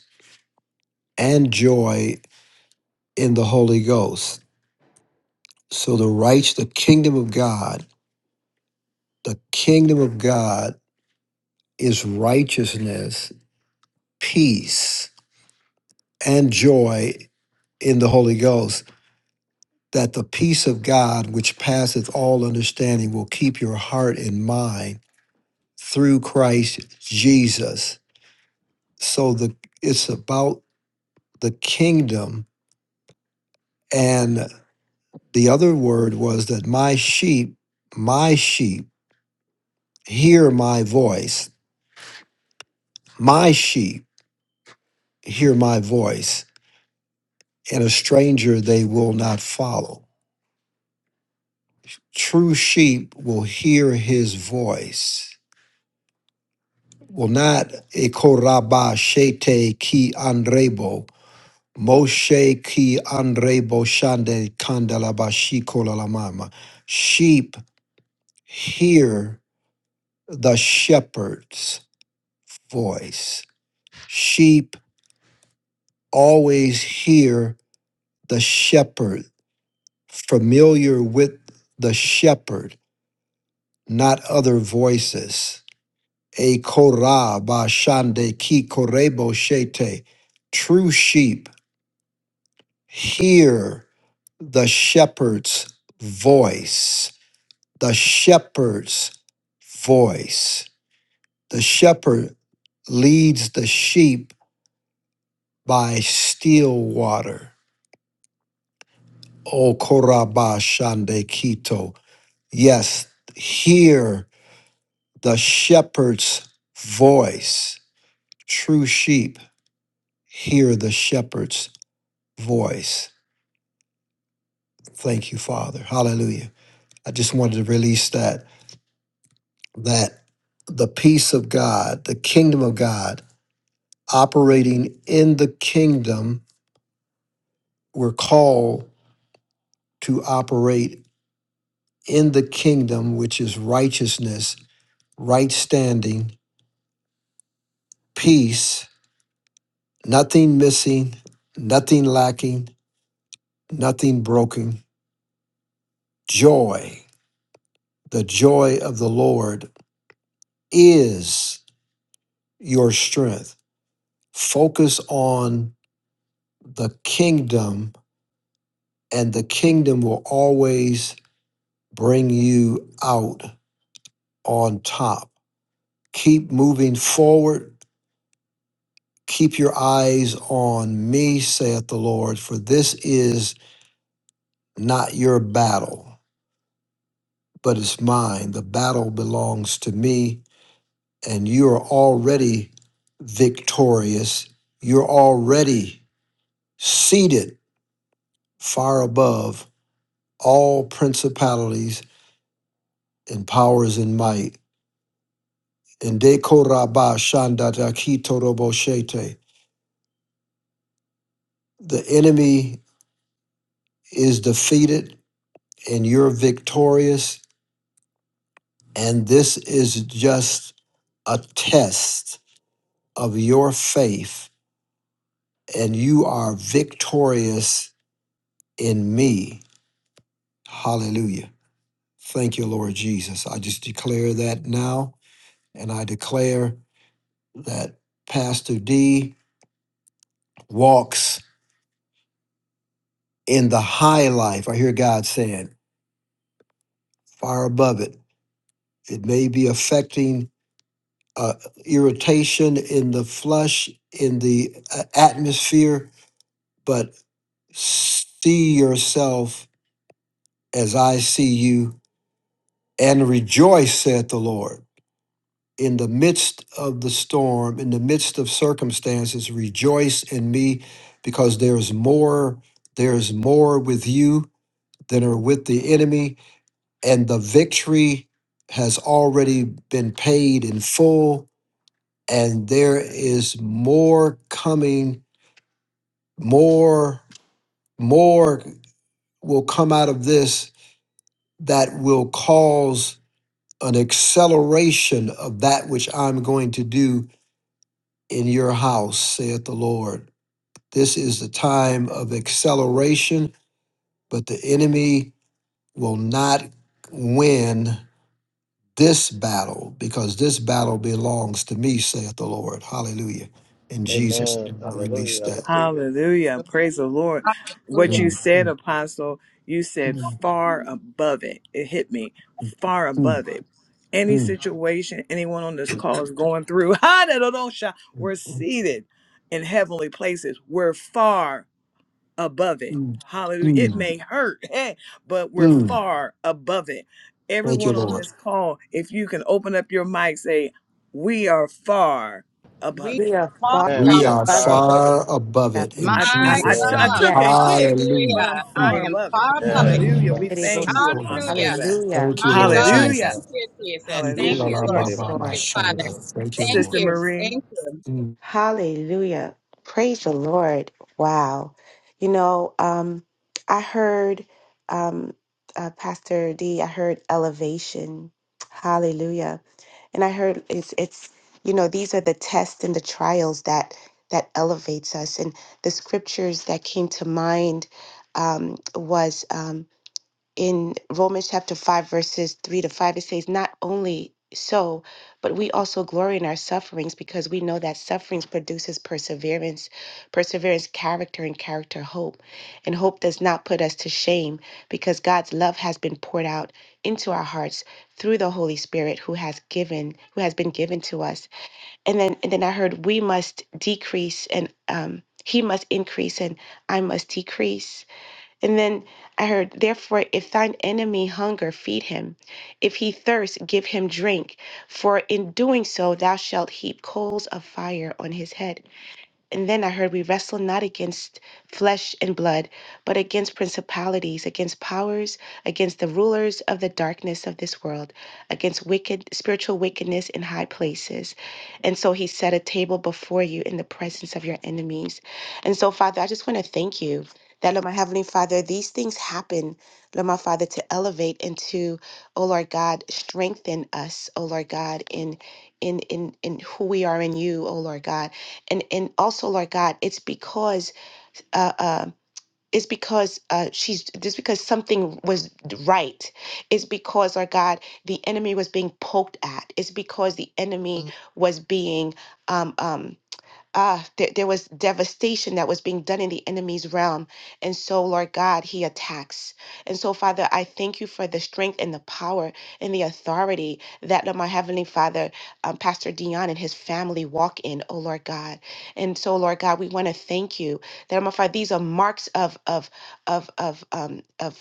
and joy in the Holy Ghost. So the right, the kingdom of God, the kingdom of God is righteousness, peace, and joy in the Holy Ghost. That the peace of God, which passeth all understanding, will keep your heart and mind through Christ Jesus. So the it's about the kingdom, and the other word was that my sheep, my sheep hear my voice. My sheep hear my voice, and a stranger they will not follow. True sheep will hear his voice, will not ekoraba shete ki andrebo, moshe ki andrebo shande kandalabashi kolalamama. Sheep hear the shepherd's voice. Sheep always hear the shepherd's familiar with the shepherd, not other voices. A korah ba shande ki korebo shete. True sheep hear the shepherd's voice. The shepherd's voice. The shepherd leads the sheep by still water. O korah ba shande kito. Yes, hear The shepherd's voice. True sheep hear the shepherd's voice. Thank you, Father. Hallelujah. I just wanted to release that, that the peace of God, the kingdom of God, operating in the kingdom, we're called to operate in the kingdom, which is righteousness, right standing, peace, nothing missing, nothing lacking, nothing broken, joy. The joy of the Lord is your strength. Focus on the kingdom, and the kingdom will always bring you out on top. Keep moving forward. Keep your eyes on me, saith the Lord, for this is not your battle, but it's mine. The battle belongs to me, and you are already victorious. You're already seated far above all principalities and powers and might. And de koraba shandata kitoroboshete. The enemy is defeated and you're victorious. And this is just a test of your faith. And you are victorious in me. Hallelujah. Thank you, Lord Jesus. I just declare that now. And I declare that Pastor D walks in the high life. I hear God saying, far above it. It may be affecting uh, irritation in the flesh, in the uh, atmosphere, but see yourself as I see you and rejoice, saith the Lord. In the midst of the storm, in the midst of circumstances, rejoice in me because there's more, there's more with you that are with the enemy, and the victory has already been paid in full, and there is more coming, more, more will come out of this that will cause an acceleration of that which I'm going to do in your house, saith the Lord. This is the time of acceleration, but the enemy will not win this battle, because this battle belongs to me, saith the Lord. Hallelujah. In Jesus'
Amen.
name, I release
Hallelujah. I
that.
receive it.
Hallelujah. Praise the Lord. What
Hallelujah.
you
Mm,
said,
mm,
Apostle, you said
mm,
far above it. It hit me far
mm, mm, mm,
above it. Any situation anyone on this call is going through, hallelujah, we're
mm,
seated in heavenly places. We're far above it.
mm,
Hallelujah. It
mm,
may hurt, eh, but we're
mm.
far above it.
Thank you,
Everyone on
Lord.
this call, if you can open up your mic, say, We are far
We
above it.
We are
are,
far
Amen.
We
We are
are
above
far
it.
above it.
far above
Yeah.
it
my
in
I, I,
Amen.
I,
Jesus'
t- I
Yes.
name.
God.
took a
Yes.
hit, but
Hallelujah.
I'm
Hallelujah. I
far
Mm.
Hallelujah.
am
above
far
it.
above it.
Yes.
Hallelujah.
Far
We
above
thank
it.
you, Apostle,
Shikola.
Hallelujah.
for that.
Hallelujah.
Thank you,
My
Lord
Ra
God.
ba
Hallelujah.
ba.
Thank
Jesus.
you, Jesus.
Ye,
Thank
Shikola
you,
shit,
Hallelujah.
la
take
Lord.
ba
it,
Yes,
ba
ra,
Thank
ma
sa,
you,
Lord.
get it,
Father.
shanda.
Hallelujah.
ra.
Thank you,
Thank
Lord.
Sister
you.
Marie,
Thank you.
Mm.
Hallelujah. Praise the Lord. Wow. You know, um, I heard um, uh, Pastor D, I heard elevation. Hallelujah And I heard it's it's you know these are the tests and the trials that that elevates us. And the scriptures that came to mind um, was. Um, in Romans chapter 5, verses 3 to 5, it says, Not only so, but we also glory in our sufferings because we know that sufferings produces perseverance, perseverance, character, and character, hope. And hope does not put us to shame because God's love has been poured out into our hearts through the Holy Spirit who has given, who has been given to us. And then, and then I heard we must decrease and um, he must increase and I must decrease and then I heard, Therefore, if thine enemy hunger, feed him. If he thirst, give him drink. For in doing so, thou shalt heap coals of fire on his head. And then I heard we wrestle not against flesh and blood, but against principalities, against powers, against the rulers of the darkness of this world, against wicked spiritual wickedness in high places. And so he set a table before you in the presence of your enemies. And so, Father, I just want to thank you that, Lord, my Heavenly Father, these things happen, Lord, my Father, to elevate and to, oh Lord God, strengthen us, oh Lord God, in in in in who we are in you, oh Lord God and and also lord god it's because uh, uh it's because uh, she's just because something was right. It's because, Lord God, the enemy was being poked at. It's because the enemy Mm. was being um, um, ah, there, there was devastation that was being done in the enemy's realm. And so, Lord God, he attacks. And so, Father, I thank you for the strength and the power and the authority that uh, my Heavenly Father, um, Pastor Dion and his family walk in, oh Lord God. And so, Lord God, we want to thank you that, my Father, these are marks of, of, of, of, um, of,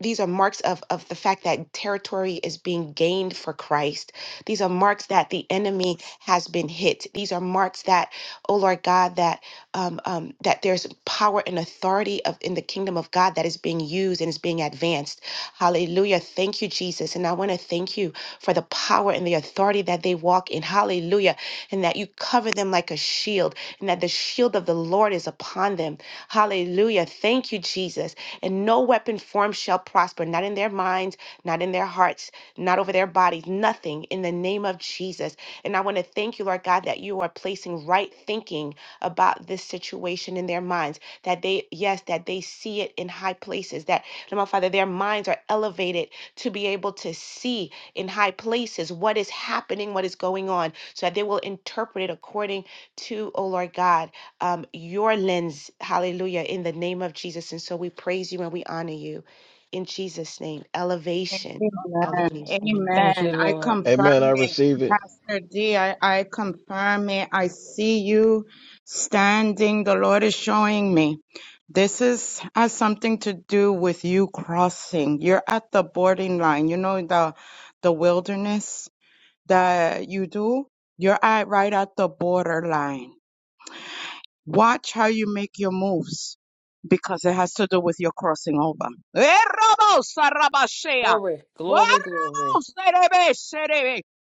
these are marks of, of the fact that territory is being gained for Christ. These are marks that the enemy has been hit. These are marks that oh Lord God, that um, um, that there's power and authority of in the kingdom of God that is being used and is being advanced. Hallelujah. Thank you, Jesus. And I want to thank you for the power and the authority that they walk in. Hallelujah. And that you cover them like a shield, and that the shield of the Lord is upon them. Hallelujah. Thank you, Jesus. And no weapon formed shall prosper, not in their minds, not in their hearts, not over their bodies, nothing in the name of Jesus. And I want to thank you, Lord God, that you are placing right thinking about this situation in their minds. That they, yes, that they see it in high places. That, Lord my Father, their minds are elevated to be able to see in high places what is happening, what is going on, so that they will interpret it according to, oh Lord God, um, your lens. Hallelujah. In the name of Jesus. And so we praise you and we honor you. In Jesus' name, elevation.
Amen.
Elevation.
Thank
Amen.
you,
I
Lord.
Amen.
confirm
I
it.
receive it.
Pastor D, I, I confirm it. I see you standing. The Lord is showing me. This is has something to do with you crossing. You're at the boarding line. You know the the wilderness that you do? You're at right at the borderline. Watch how you make your moves because it has to do with your crossing over. Eh,
Glory,
Oh,
glory, glory.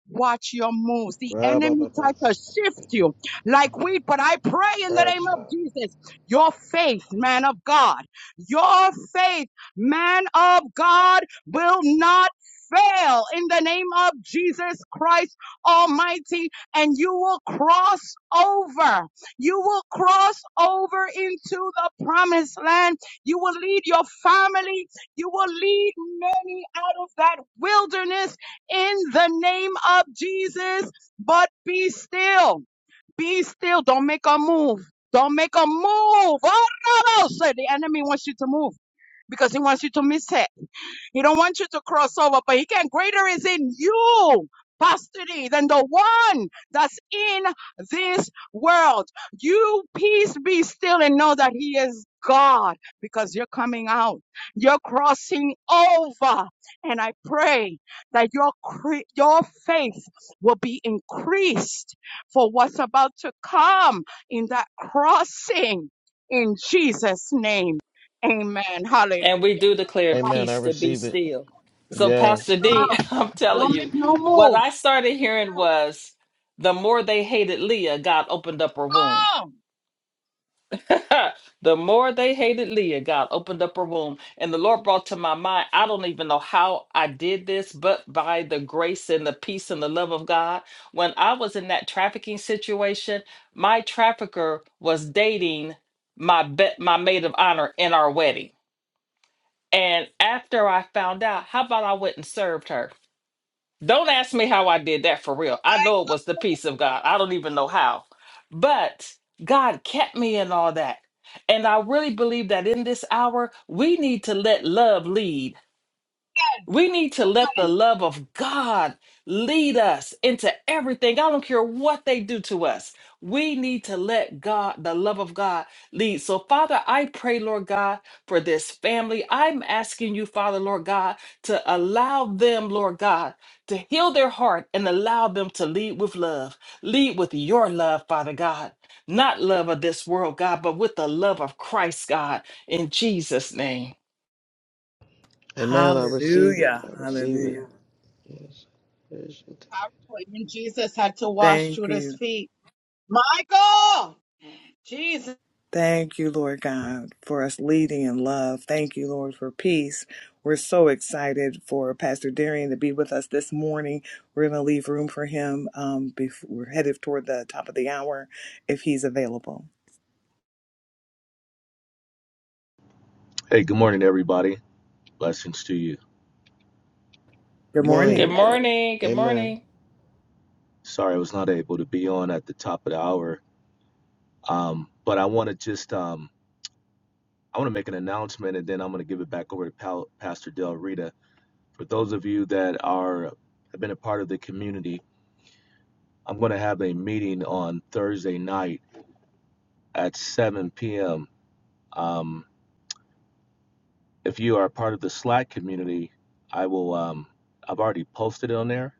Watch your moves. The
Ra ba
enemy
ba ba.
tried to
See, take
shift
it.
you like wheat, but I pray in the name
Yes,
of
Father.
Jesus, your faith, man of God, your faith, man of God, will not fail in the name of Jesus Christ Almighty, and you will cross over. You will cross over into the promised land. You will lead your family. You will lead many out of that wilderness in the name of Jesus. But be still. Be still. Don't make a move. Don't make a move. Oh, no, no, said the enemy wants you to move because he wants you to miss it. He don't want you to cross over, but he can greater is in you, Pastor D, than the one that's in this world. You peace be still and know that he is God because you're coming out. You're crossing over. And I pray that your cre- your faith will be increased for what's about to come in that crossing in Jesus name. Amen. Hallelujah.
And we do declare
Amen. I
peace to be
receive it.
still. So,
My
Pastor
Yes.
God.
D, I'm telling
Don't
you,
make no
what
move.
I started hearing was the more they hated Leah, God opened up her womb.
Oh,
the more they hated Leah, God opened up her womb. And the Lord brought to my mind, I don't even know how I did this, but by the grace and the peace and the love of God. When I was in that trafficking situation, my trafficker was dating my be- my maid of honor in our wedding. And after I found out, how about I went and served her? Don't ask me how I did that for real. I
my
know it
God.
was the peace of God. I don't even know how. But God kept me in all that. And I really believe that in this hour, we need to let love lead we need to let the love of God lead us into everything. I don't care what they do to us. We need to let God, the love of God, lead. So, Father, I pray, Lord God, for this family. I'm asking you, Father, Lord God, to allow them, Lord God, to heal their heart and allow them to lead with love. Lead with your love, Father God. Not love of this world, God, but with the love of Christ, God, in Jesus' name.
Amen. I receive it.
hallelujah.
I receive it.
Hallelujah.
Yes. Yes.
To wash
Thank
Judas'
you.
feet. My oh, Jesus.
Thank you, Lord God, for us leading in love. Thank you, Lord, for peace. We're so excited for Pastor Darian to be with us this morning. We're going to leave room for him. Um, before, we're headed toward the top of the hour if he's available.
Hey, good morning, everybody. Blessings to you.
Good
Good
Can you hear me
Good
morning.
morning.
okay? Hey.
morning. Good
Amen.
morning.
Sorry, I was not able to be on at the top of the hour. Um, but I want to just um, I want to make an announcement, and then I'm going to give it back over to Pal- Pastor Del Rita. For those of you that are have been a part of the community, I'm going to have a meeting on Thursday night at 7 p.m. Um, if you are part of the Slack community, I will. Um, I've already posted it on there.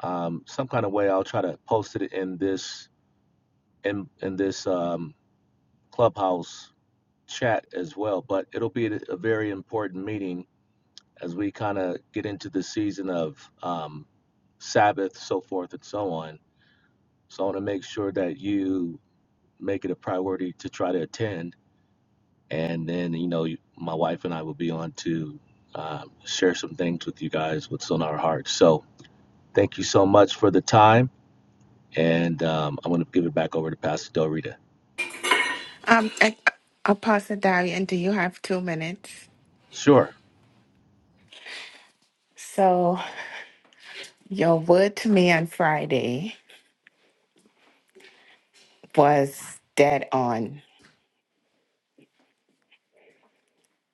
Um, some kind of way, I'll try to post it in this. in in this um, clubhouse chat as well. But it'll be a a very important meeting as we kind of get into the season of um, Sabbath, so forth and so on. So I want to make sure that you make it a priority to try to attend, and then you know you- my wife and I will be on to um, share some things with you guys what's on our hearts. So thank you so much for the time, and um, I'm going to give it back over to Pastor Del Rita.
Um, A- Apostle Darian, do you have two minutes?
Sure.
So. Your word to me on Friday was dead on.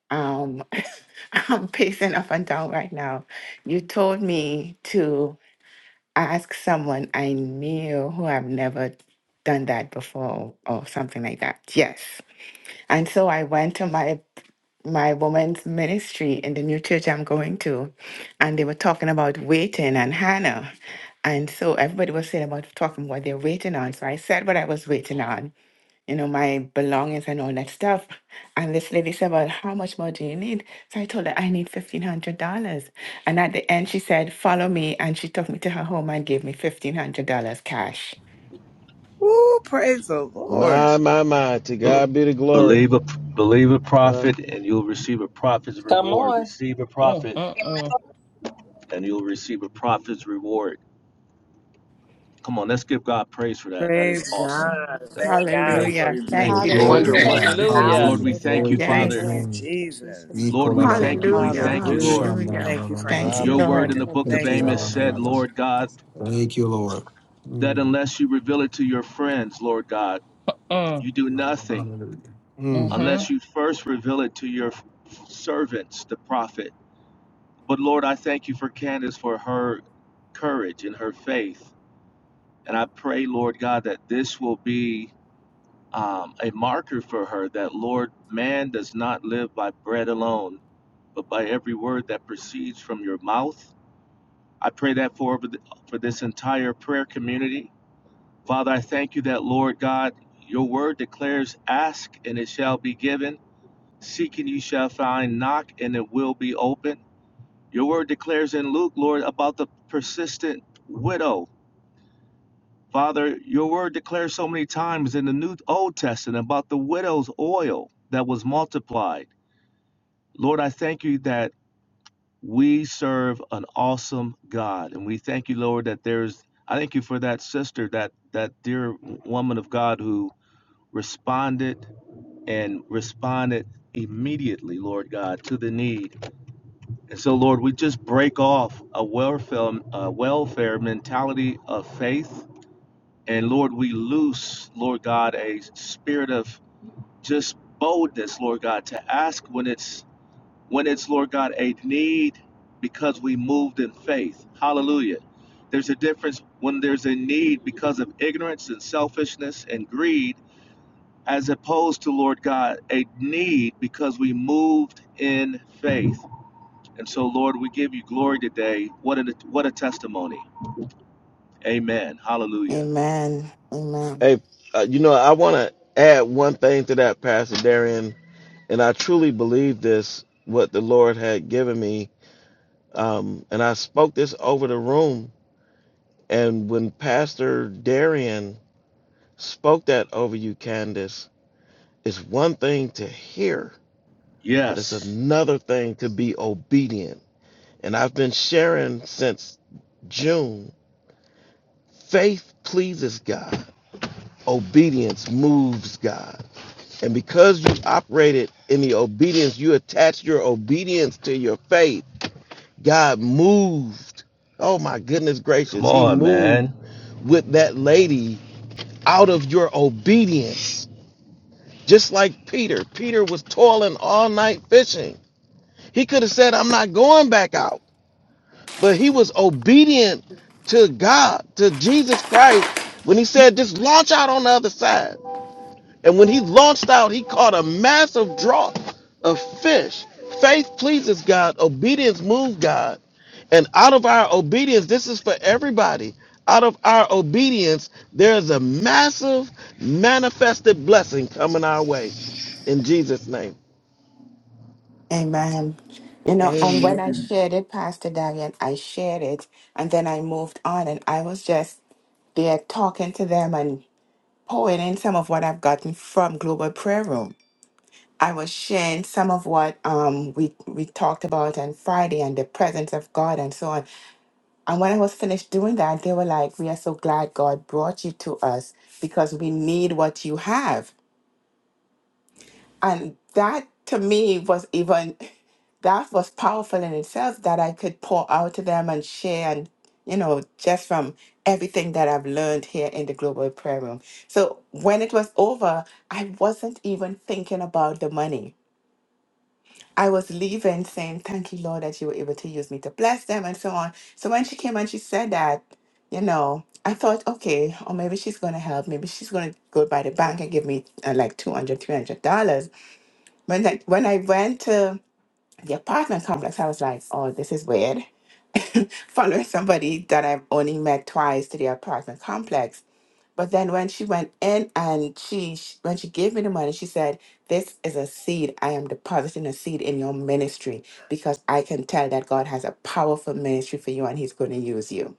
Um, I'm pacing up and down right now. You told me to ask someone I knew who I've never done that before or something like that. Yes. And so I went to my my woman's ministry in the new church I'm going to, and they were talking about waiting and Hannah. And so everybody was saying about talking what they're waiting on. So I said what I was waiting on. you know, my belongings and all that stuff. And this lady said, Well, how much more do you need? So I told her, I need $1,500. And at the end, she said, Follow me. And she took me to her home and gave me $1,500 cash.
Woo, praise the Lord.
My, my, my. To
Be-
God be the glory.
Believe a believe a
Well,
prophet, and you'll receive a prophet's
Come
reward.
on.
Receive a
Mm,
prophet,
mm,
Amen.
mm.
and you'll receive a prophet's reward. Come on, let's give God praise for that. That is
Praise
awesome.
God.
That is
Thank
an
God
Amen.
for
amazing.
Hallelujah.
your
Thank
Hallelujah.
Thank you,
you,
Glory
Lord.
to
Hallelujah.
working
Jesus.
Thank
God.
you,
power.
Hallelujah.
Lord,
Jesus.
Hallelujah.
we thank
Amen.
you,
Glory to
Thank you,
his
Thank
Father.
you,
Yes.
Lord.
name.
Thank you,
Jesus.
Jesus.
Lord,
Amen.
Ikola
we
la la la
thank you.
ba
We
Hallelujah.
ba
thank
ba.
you,
Hallelujah.
Lord.
Shanda la
Hallelujah.
la
Thank you
la
for
la la la
Thank
la
you,
answering
la
Your word
la.
Lord.
in
prayer.
the
Amen.
book of
Thank you,
Thank
Iti
you,
la
Amos
la
Lord
Lord.
la
Thank
la
said,
God.
you,
la.
Lord God,
Jesus. Hallelujah.
Thank you, Lord.
that
Mm.
unless you reveal it to your friends, Lord God,
Mm,
you
Thank
do
you, Lord.
nothing
Hallelujah. Mm.
mm-hmm.
unless you first reveal it to your servants, the prophet. But Lord, I thank you for Candace for her courage and her faith. And I pray, Lord God, that this will be um, a marker for her that, Lord, man does not live by bread alone, but by every word that proceeds from your mouth. I pray that for, for this entire prayer community. Father, I thank you that, Lord God, your word declares ask and it shall be given, seek and you shall find, knock and it will be open. Your word declares in Luke, Lord, about the persistent widow. Father, your word declares so many times in the New Old Testament about the widow's oil that was multiplied. Lord, I thank you that we serve an awesome God. And we thank you, Lord, that there's I thank you for that sister, that that dear woman of God who responded and responded immediately, Lord God, to the need And so, Lord, we just break off a welfare, a welfare mentality of faith. And Lord, we loose, Lord God, a spirit of just boldness, Lord God, to ask when it's when it's, Lord God, a need because we moved in faith. Hallelujah. There's a difference when there's a need because of ignorance and selfishness and greed, as opposed to, Lord God, a need because we moved in faith. And so, Lord, we give you glory today. What a what a testimony. Amen. Hallelujah.
Amen. Amen.
hey, uh, you know, I want to add one thing to that, Pastor Darian, and I truly believe this, what the Lord had given me. Um, and I spoke this over the room. And when Pastor Darian spoke that over you, Candace, it's one thing to hear, but it's
Yes.
another thing to be obedient. And I've been sharing since June. Faith pleases God. Obedience moves God. And because you operated in the obedience, you attached your obedience to your faith. God moved. Oh my goodness
Come
gracious. He
on,
moved
man.
with that lady out of your obedience. Just like Peter. Peter was toiling all night fishing. He could have said, I'm not going back out. but he was obedient to God, to Jesus Christ, when he said, just launch out on the other side. And when he launched out, he caught a massive draught of fish. Faith pleases God, obedience moves God. And out of our obedience, this is for everybody. Out of our obedience, there's a massive manifested blessing coming our way. In Jesus' name.
Amen. You know, and when I
Amen.
shared it, Pastor Darian, I shared it and then I moved on and I was just there talking to them and pouring in some of what I've gotten from Global Prayer Room. I was sharing some of what um, we we talked about on Friday and the presence of God and so on. And when I was finished doing that, they were like, "We are so glad God brought you to us because we need what you have." And that to me was even that was powerful in itself that I could pour out to them and share and you know just from everything that I've learned here in the global prayer room. So when it was over, I wasn't even thinking about the money. I was leaving saying, Thank you, Lord, that you were able to use me to bless them and so on. So when she came and she said that, you know, I thought, okay, or maybe she's going to help. Maybe she's going to go by the bank and give me uh, like $200, $300 when I when I went to the apartment complex, I was like, "Oh, this is weird." Following somebody that I've only met twice to the apartment complex, but then when she went in and she sh- when she gave me the money, she said, "This is a seed. I am depositing a seed in your ministry because I can tell that God has a powerful ministry for you and He's going to use you."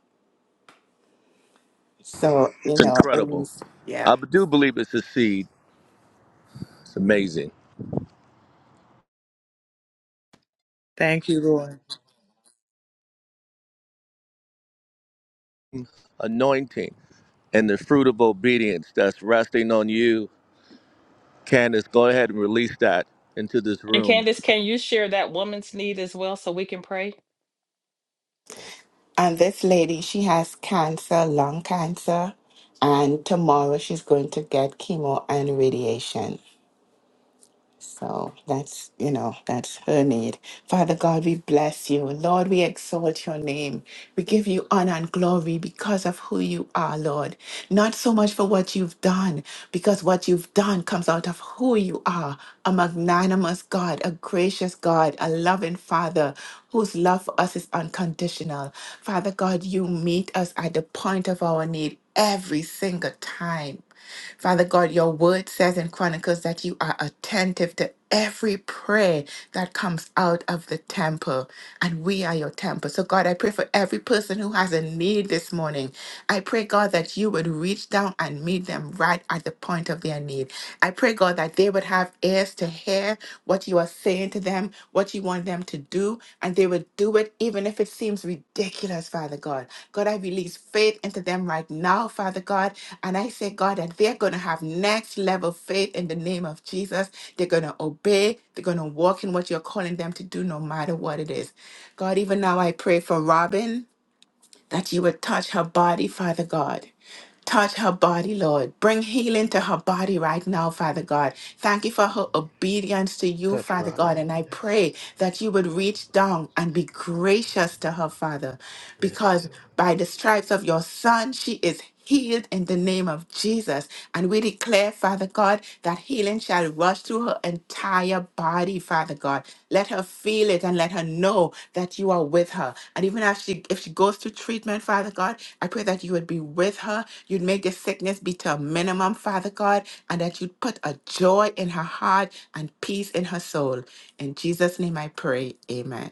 So you
It's
know, it
incredible.
was
I do believe it's a seed. It's amazing.
Thank you, Lord.
Anointing and the fruit of obedience that's resting on you. Candace, go ahead and release that into this
And
room.
Candace, can you share that woman's need as well so we can pray?
And this lady, she has cancer, lung cancer, and tomorrow she's going to get chemo and radiation. So that's, you know, that's her need. Father God, we bless you. Lord, we exalt your name. We give you honor and glory because of who you are, Lord. Not so much for what you've done, because what you've done comes out of who you are a magnanimous God, a gracious God, a loving Father whose love for us is unconditional. Father God, you meet us at the point of our need every single time. Father God, your word says in Chronicles that you are attentive to every prayer that comes out of the temple, and we are your temple. So, God, I pray for every person who has a need this morning. I pray, God, that you would reach down and meet them right at the point of their need. I pray, God, that they would have ears to hear what you are saying to them, what you want them to do, and they would do it even if it seems ridiculous, Father God. God, I release faith into them right now, Father God, and I say, God, that they're going to have next level faith in the name of Jesus. They're going to obey. They're going to walk in what you're calling them to do, no matter what it is. God, even now I pray for Robin that you would touch her body, Father God. Touch her body, Lord. Bring healing to her body right now, Father God. Thank you for her obedience to you,
Touch
Father
Robin.
God. And I
Yes.
pray that you would reach down and be gracious to her, Father,
Yes.
because
Heal.
by the stripes of your Son, she is healed in the name of Jesus. And we declare, Father God, that healing shall run rush through her entire body, Father God. Let her feel it and let her know that you are with her. And even if she if she goes to treatment, Father God, I pray that you would be with her. You'd make the sickness be to a minimum, Father God, and that you'd put a joy in her heart and peace in her soul. In Jesus' name I pray. Amen.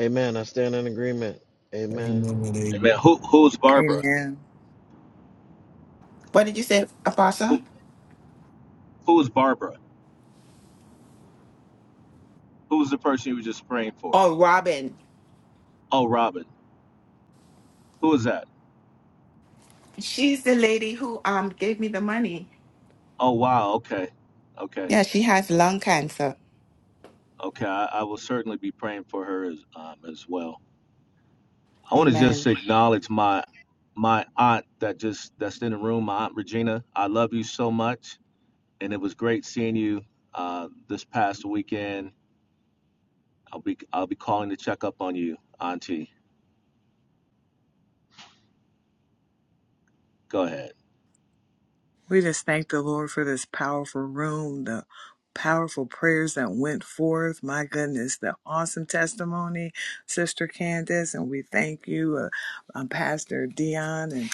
Amen. I stand in agreement. Amen.
Amen and amen.
Amen. Who who's Barbara?
Amen.
What did you say, Apostle?
Who who's Barbara? Who's the person you were just praying for?
Oh, Robin.
Oh, Robin. Who is that?
She's the lady who um gave me the money.
Oh, wow. Okay. Okay.
Yeah, she has lung cancer.
Okay, I, I will certainly be praying for her as um, as well. I want to just
Amen.
acknowledge my my aunt that just that's in the room, my aunt Regina. I love you so much, and it was great seeing you uh, this past weekend. I'll be I'll be calling to check up on you, Auntie. Go ahead.
We just thank the Lord for this powerful room, the powerful prayers that went forth. My goodness, the awesome testimony, Sister Candace, and we thank you, uh, um, Pastor Dion, and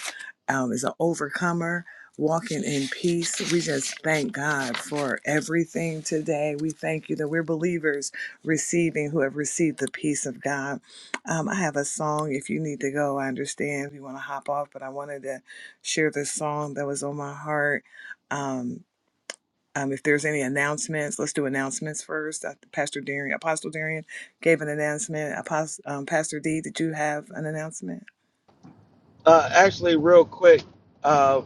um, is an overcomer. Walking in peace. We just thank God for everything today. We thank you that we're believers receiving who have received the peace of God. Um, I have a song. If you need to go, I understand if you want to hop off, but I wanted to share this song that was on my heart. Um, um, if there's any announcements, let's do announcements first. Uh, Pastor Darian, Apostle Darian gave an announcement. Apostle, um, Pastor D, did you have an announcement?
Uh, actually, real quick, uh,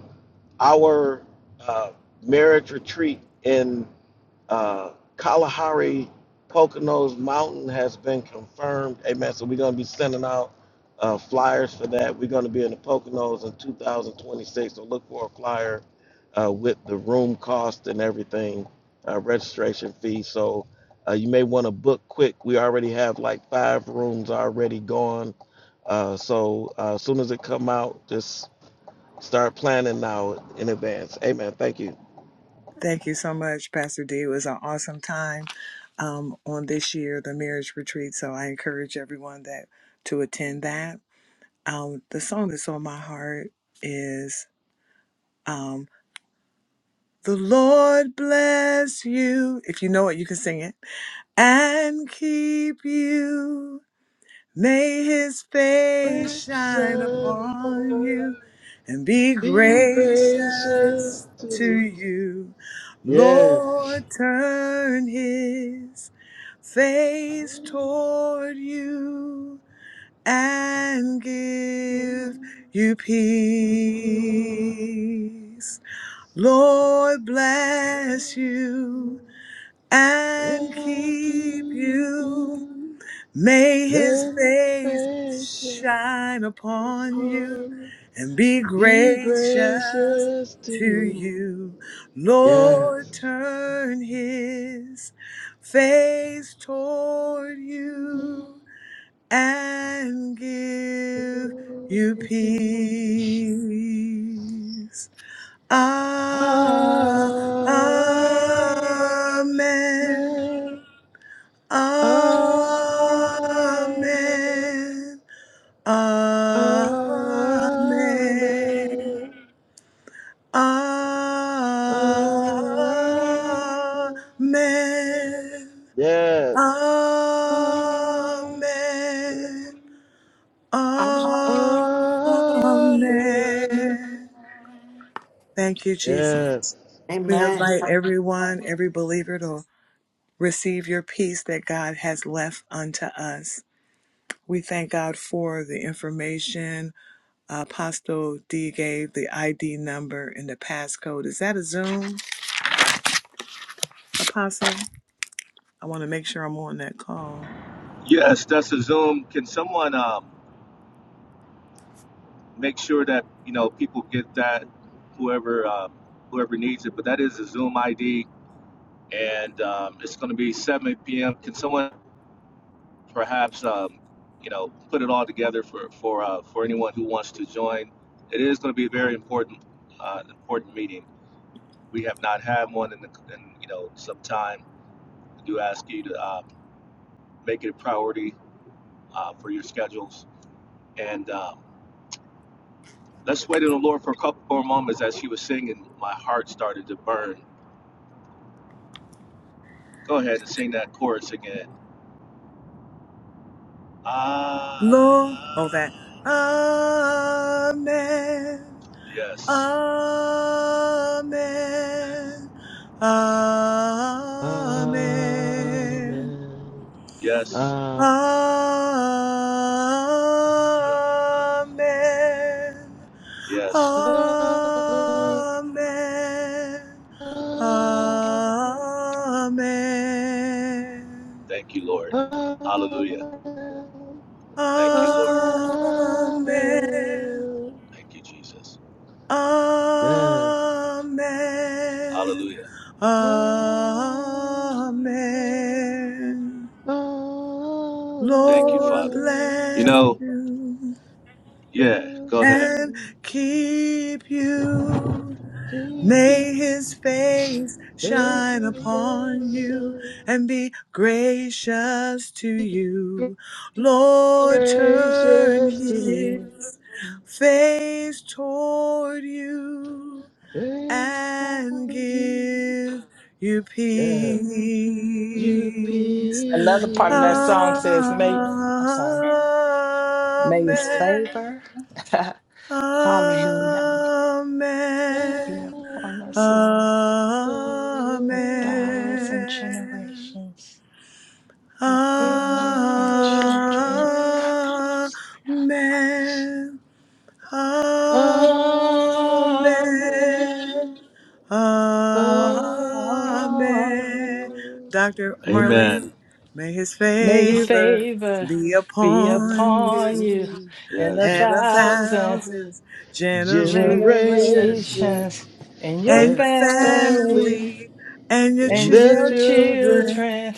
our uh, marriage retreat in uh, Kalahari Poconos Mountain has been confirmed. Amen. So we're going to be sending out uh, flyers for that. We're going to be in the Poconos in 2026. So look for a flyer uh, with the room cost and everything, uh, registration fee. So uh, you may want to book quick. We already have like five rooms already gone uh, so uh, as soon as it come out, just start planning now in advance. Amen. Thank you.
Thank you so much, Pastor D. It was an awesome time um, on this year, the marriage retreat. So I encourage everyone that to attend that. Um, the song that's on my heart is um, "The Lord Bless You." If you know it, you can sing it. and keep you. May his face
Grace
shine
and
upon
above,
you and be
be
gracious
gracious to
to
me.
you.
Yes.
Lord, turn his face
Thank
toward you and give you peace. Lord, bless you
you.
and keep you. May his
Let his
face
face shine
shine upon you
upon you.
and be
Be
gracious
gracious to
to
me.
you. Lord,
Yes.
turn his face toward you and give you
Amen.
peace. Ah,
Amen.
Amen. Amen. Amen. Amen.
Amen. Amen.
Amen.
Yes. Amen.
Oh.
Amen.
Amen. Thank you, Jesus.
Yes.
We
Amen.
invite everyone, every believer to receive your peace that God has left unto us. We thank God for the information Apostle D gave, the ID number and the passcode. Is that a Zoom, Apostle? I want to make sure I'm on that call.
Yes, that's a Zoom. Can someone um, make sure that you know people get that whoever um, whoever needs it? But that is a Zoom ID, and um, it's going to be 7 p.m. Can someone perhaps um, you know put it all together for for uh, for anyone who wants to join. It is going to be a very important uh, important meeting. We have not had one in, the, in you know some time. I do ask you to uh, make it a priority uh, for your schedules and um, let's wait on the Lord for a couple more moments. As she was singing, my heart started to burn. Go ahead and sing that chorus again.
Lord, oh, that.
Ah,
Amen.
yes,
Amen. Amen.
Amen.
yes,
Amen.
yes.
Amen.
Amen.
Amen.
Amen.
Thank you, Lord. Hallelujah.
Amen.
Thank you, Lord.
Amen.
Amen.
Thank you, Jesus.
Yes.
Amen.
Hallelujah.
Amen.
Amen.
Thank you,
Lord
Father. You
Amen.
bless
know,
you
yeah, go
Bless
ahead.
and
you,
keep you.
keep
May his
you,
face shine
this
upon you
special,
and be gracious to you. Lord, turn
gracious to me,
his face toward you
thanks for
and
you.
give you
Yes. You
peace.
Another part of that song
peace.
says, May, I'm sorry, may his
Amen.
favor, hallelujah, be
Amen.
upon us, Lord, a thousand
Amen.
generations. your family, our children. Thank God.
Amen. Amen.
Amen.
Amen.
Amen.
Dr. Marlene,
Amen.
may his
May his
favor
favor
be
be
upon you
upon you and a
Yes.
and a
thousand
thousand generations
Generations,
generations and your
and
yes,
your
family
family
family and your
and
and
their
your
children
children
children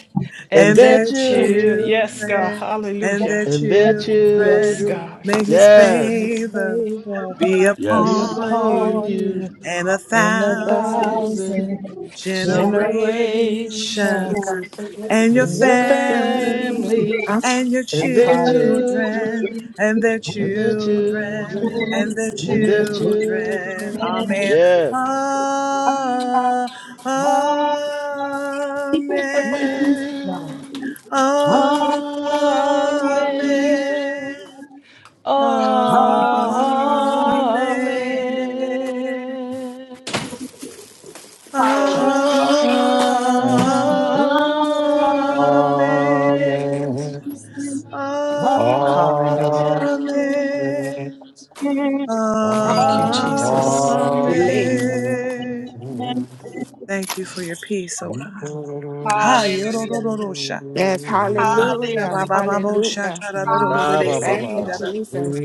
and
and
and
their
their
their
Yeah.
children. Yes, God.
children
children and
Hallelujah.
their
and their
Yes,
children.
children,
God.
May his
yes,
His
favor
favor
be
be
be
Yes.
upon
upon
you
upon
you.
you
and a
and a
thousand
thousand
thousand
generations
generations
generations
and your
in
and
your
your
family
family
family.
I'm
and your
and their
Hallelujah.
children
children
and their
and their
children
children
and their
and their
children.
children.
Amen.
Yeah.
Ah, Amen.
Man.
Amen.
Amen.
Amen.
Amen.
Amen.
Amen.
Amen. Amen.
Amen. Jesus.
Amen.
Amen.
Hallelujah.
Hallelujah.
Thank you,
Amen.
Jesus.
Amen.
Amen.
relieved.
Amen.
Amen.
Thank you for your peace, oh
His
God. Ha
Hallelujah.
yorororosha.
Yes,
Asha
hallelujah.
baba babo
Hallelujah.
shaka rorororo
Hallelujah.
ra
de
ba ba
Thank
seki
you,
ba
da
sa
da.
Jesus.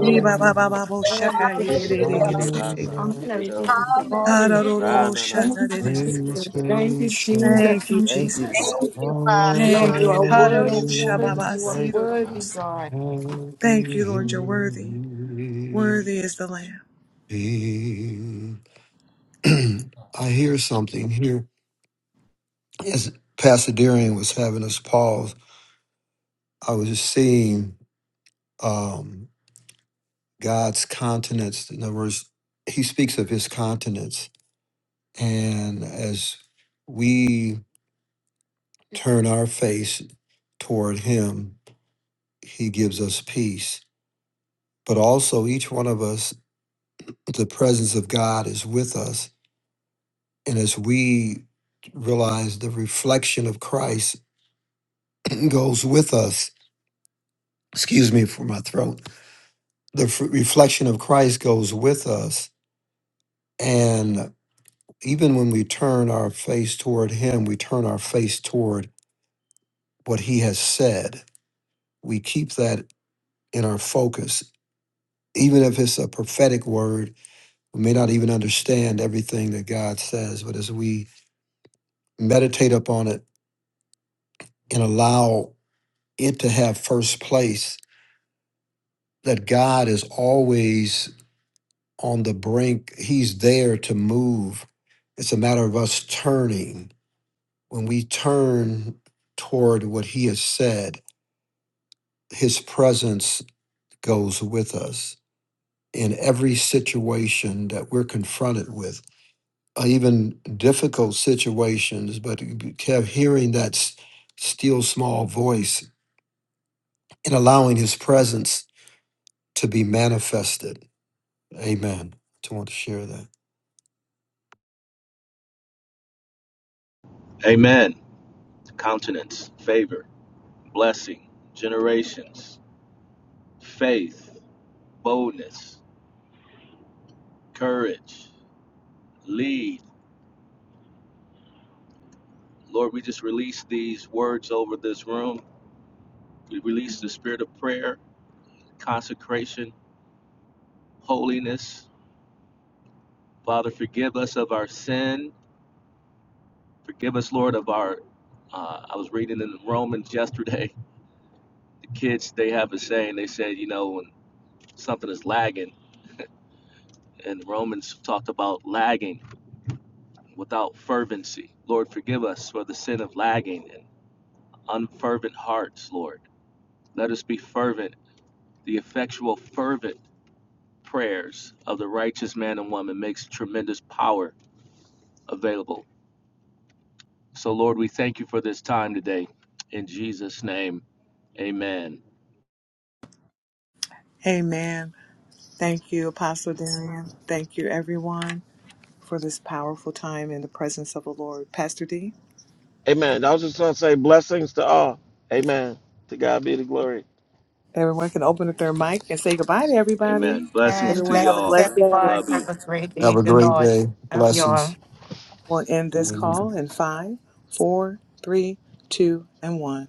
Ni baba baba bo
Lord, we
shaka ye
give
de
you
de
the
de
Hallelujah.
praise.
de se de de.
I'm
ki ri
going to give
do
you
Ha
glory.
Hallelujah.
ra
rorororo
na
Thank
shaka
you,
de de se.
Jesus. Thank you,
face shine
Thank you,
Thank
Jesus.
you,
Jesus.
Thank
Father.
you, Father.
Lord,
Thank
you
you.
are
upon
worthy,
me
worthy,
Yes,
you are
thank you,
worthy,
Father.
Ha-da-do-sha-ba-ba-si-do-do-do-si.
God.
and
Thank you,
give
Lord. You're worthy.
me
Worthy is the Lamb.
peace. I hear something here. As Pasadena was having us pause, I was just seeing. Um, God's continence. In other words, he speaks of his continence. And as we turn our face toward him, he gives us peace. But also, each one of us, the presence of God is with us. And as we realize the reflection of Christ goes with us, excuse me for my throat, the f- reflection of Christ goes with us. and. even when we turn our face toward him, we turn our face toward what he has said. We keep that in our focus. Even if it's a prophetic word, we may not even understand everything that God says, but as we meditate upon it and allow it to have first place, that God is always on the brink, he's there to move. It's a matter of us turning. When we turn toward what he has said, his presence goes with us in every situation that we're confronted with, uh, even difficult situations, but hearing that s- still small voice and allowing his presence to be manifested. Amen. I just want to share that.
Amen. Countenance, favor, blessing, generations, faith, boldness, courage, lead. Lord, we just release these words over this room. We release the spirit of prayer, consecration, holiness. Father, forgive us of our sin Forgive us, Lord, of our. Uh, I was reading in Romans yesterday. The kids they have a saying. They said, you know, when something is lagging, and Romans talked about lagging without fervency. Lord, forgive us for the sin of lagging and unfervent hearts. Lord, let us be fervent. The effectual, fervent prayers of the righteous man and woman makes tremendous power available. So, Lord, we thank you for this time today. In Jesus' name, Amen.
Amen. Thank you, Apostle Darian. Thank you, everyone, for this powerful time in the presence of the Lord. Pastor D,
Amen. I was just going to say blessings to all. Amen. To God be the glory.
everyone can open up their mic and say goodbye to everybody.
Amen. Blessings
And
to
Everyone have a
blessings,
y'all.
blessed day.
everyone.
Love you.
Have a great
Have
day,
a
in the
great
Lord.
day.
Love you all.
Blessings.
We'll end this
Amen.
call in five, four, three, two, and one.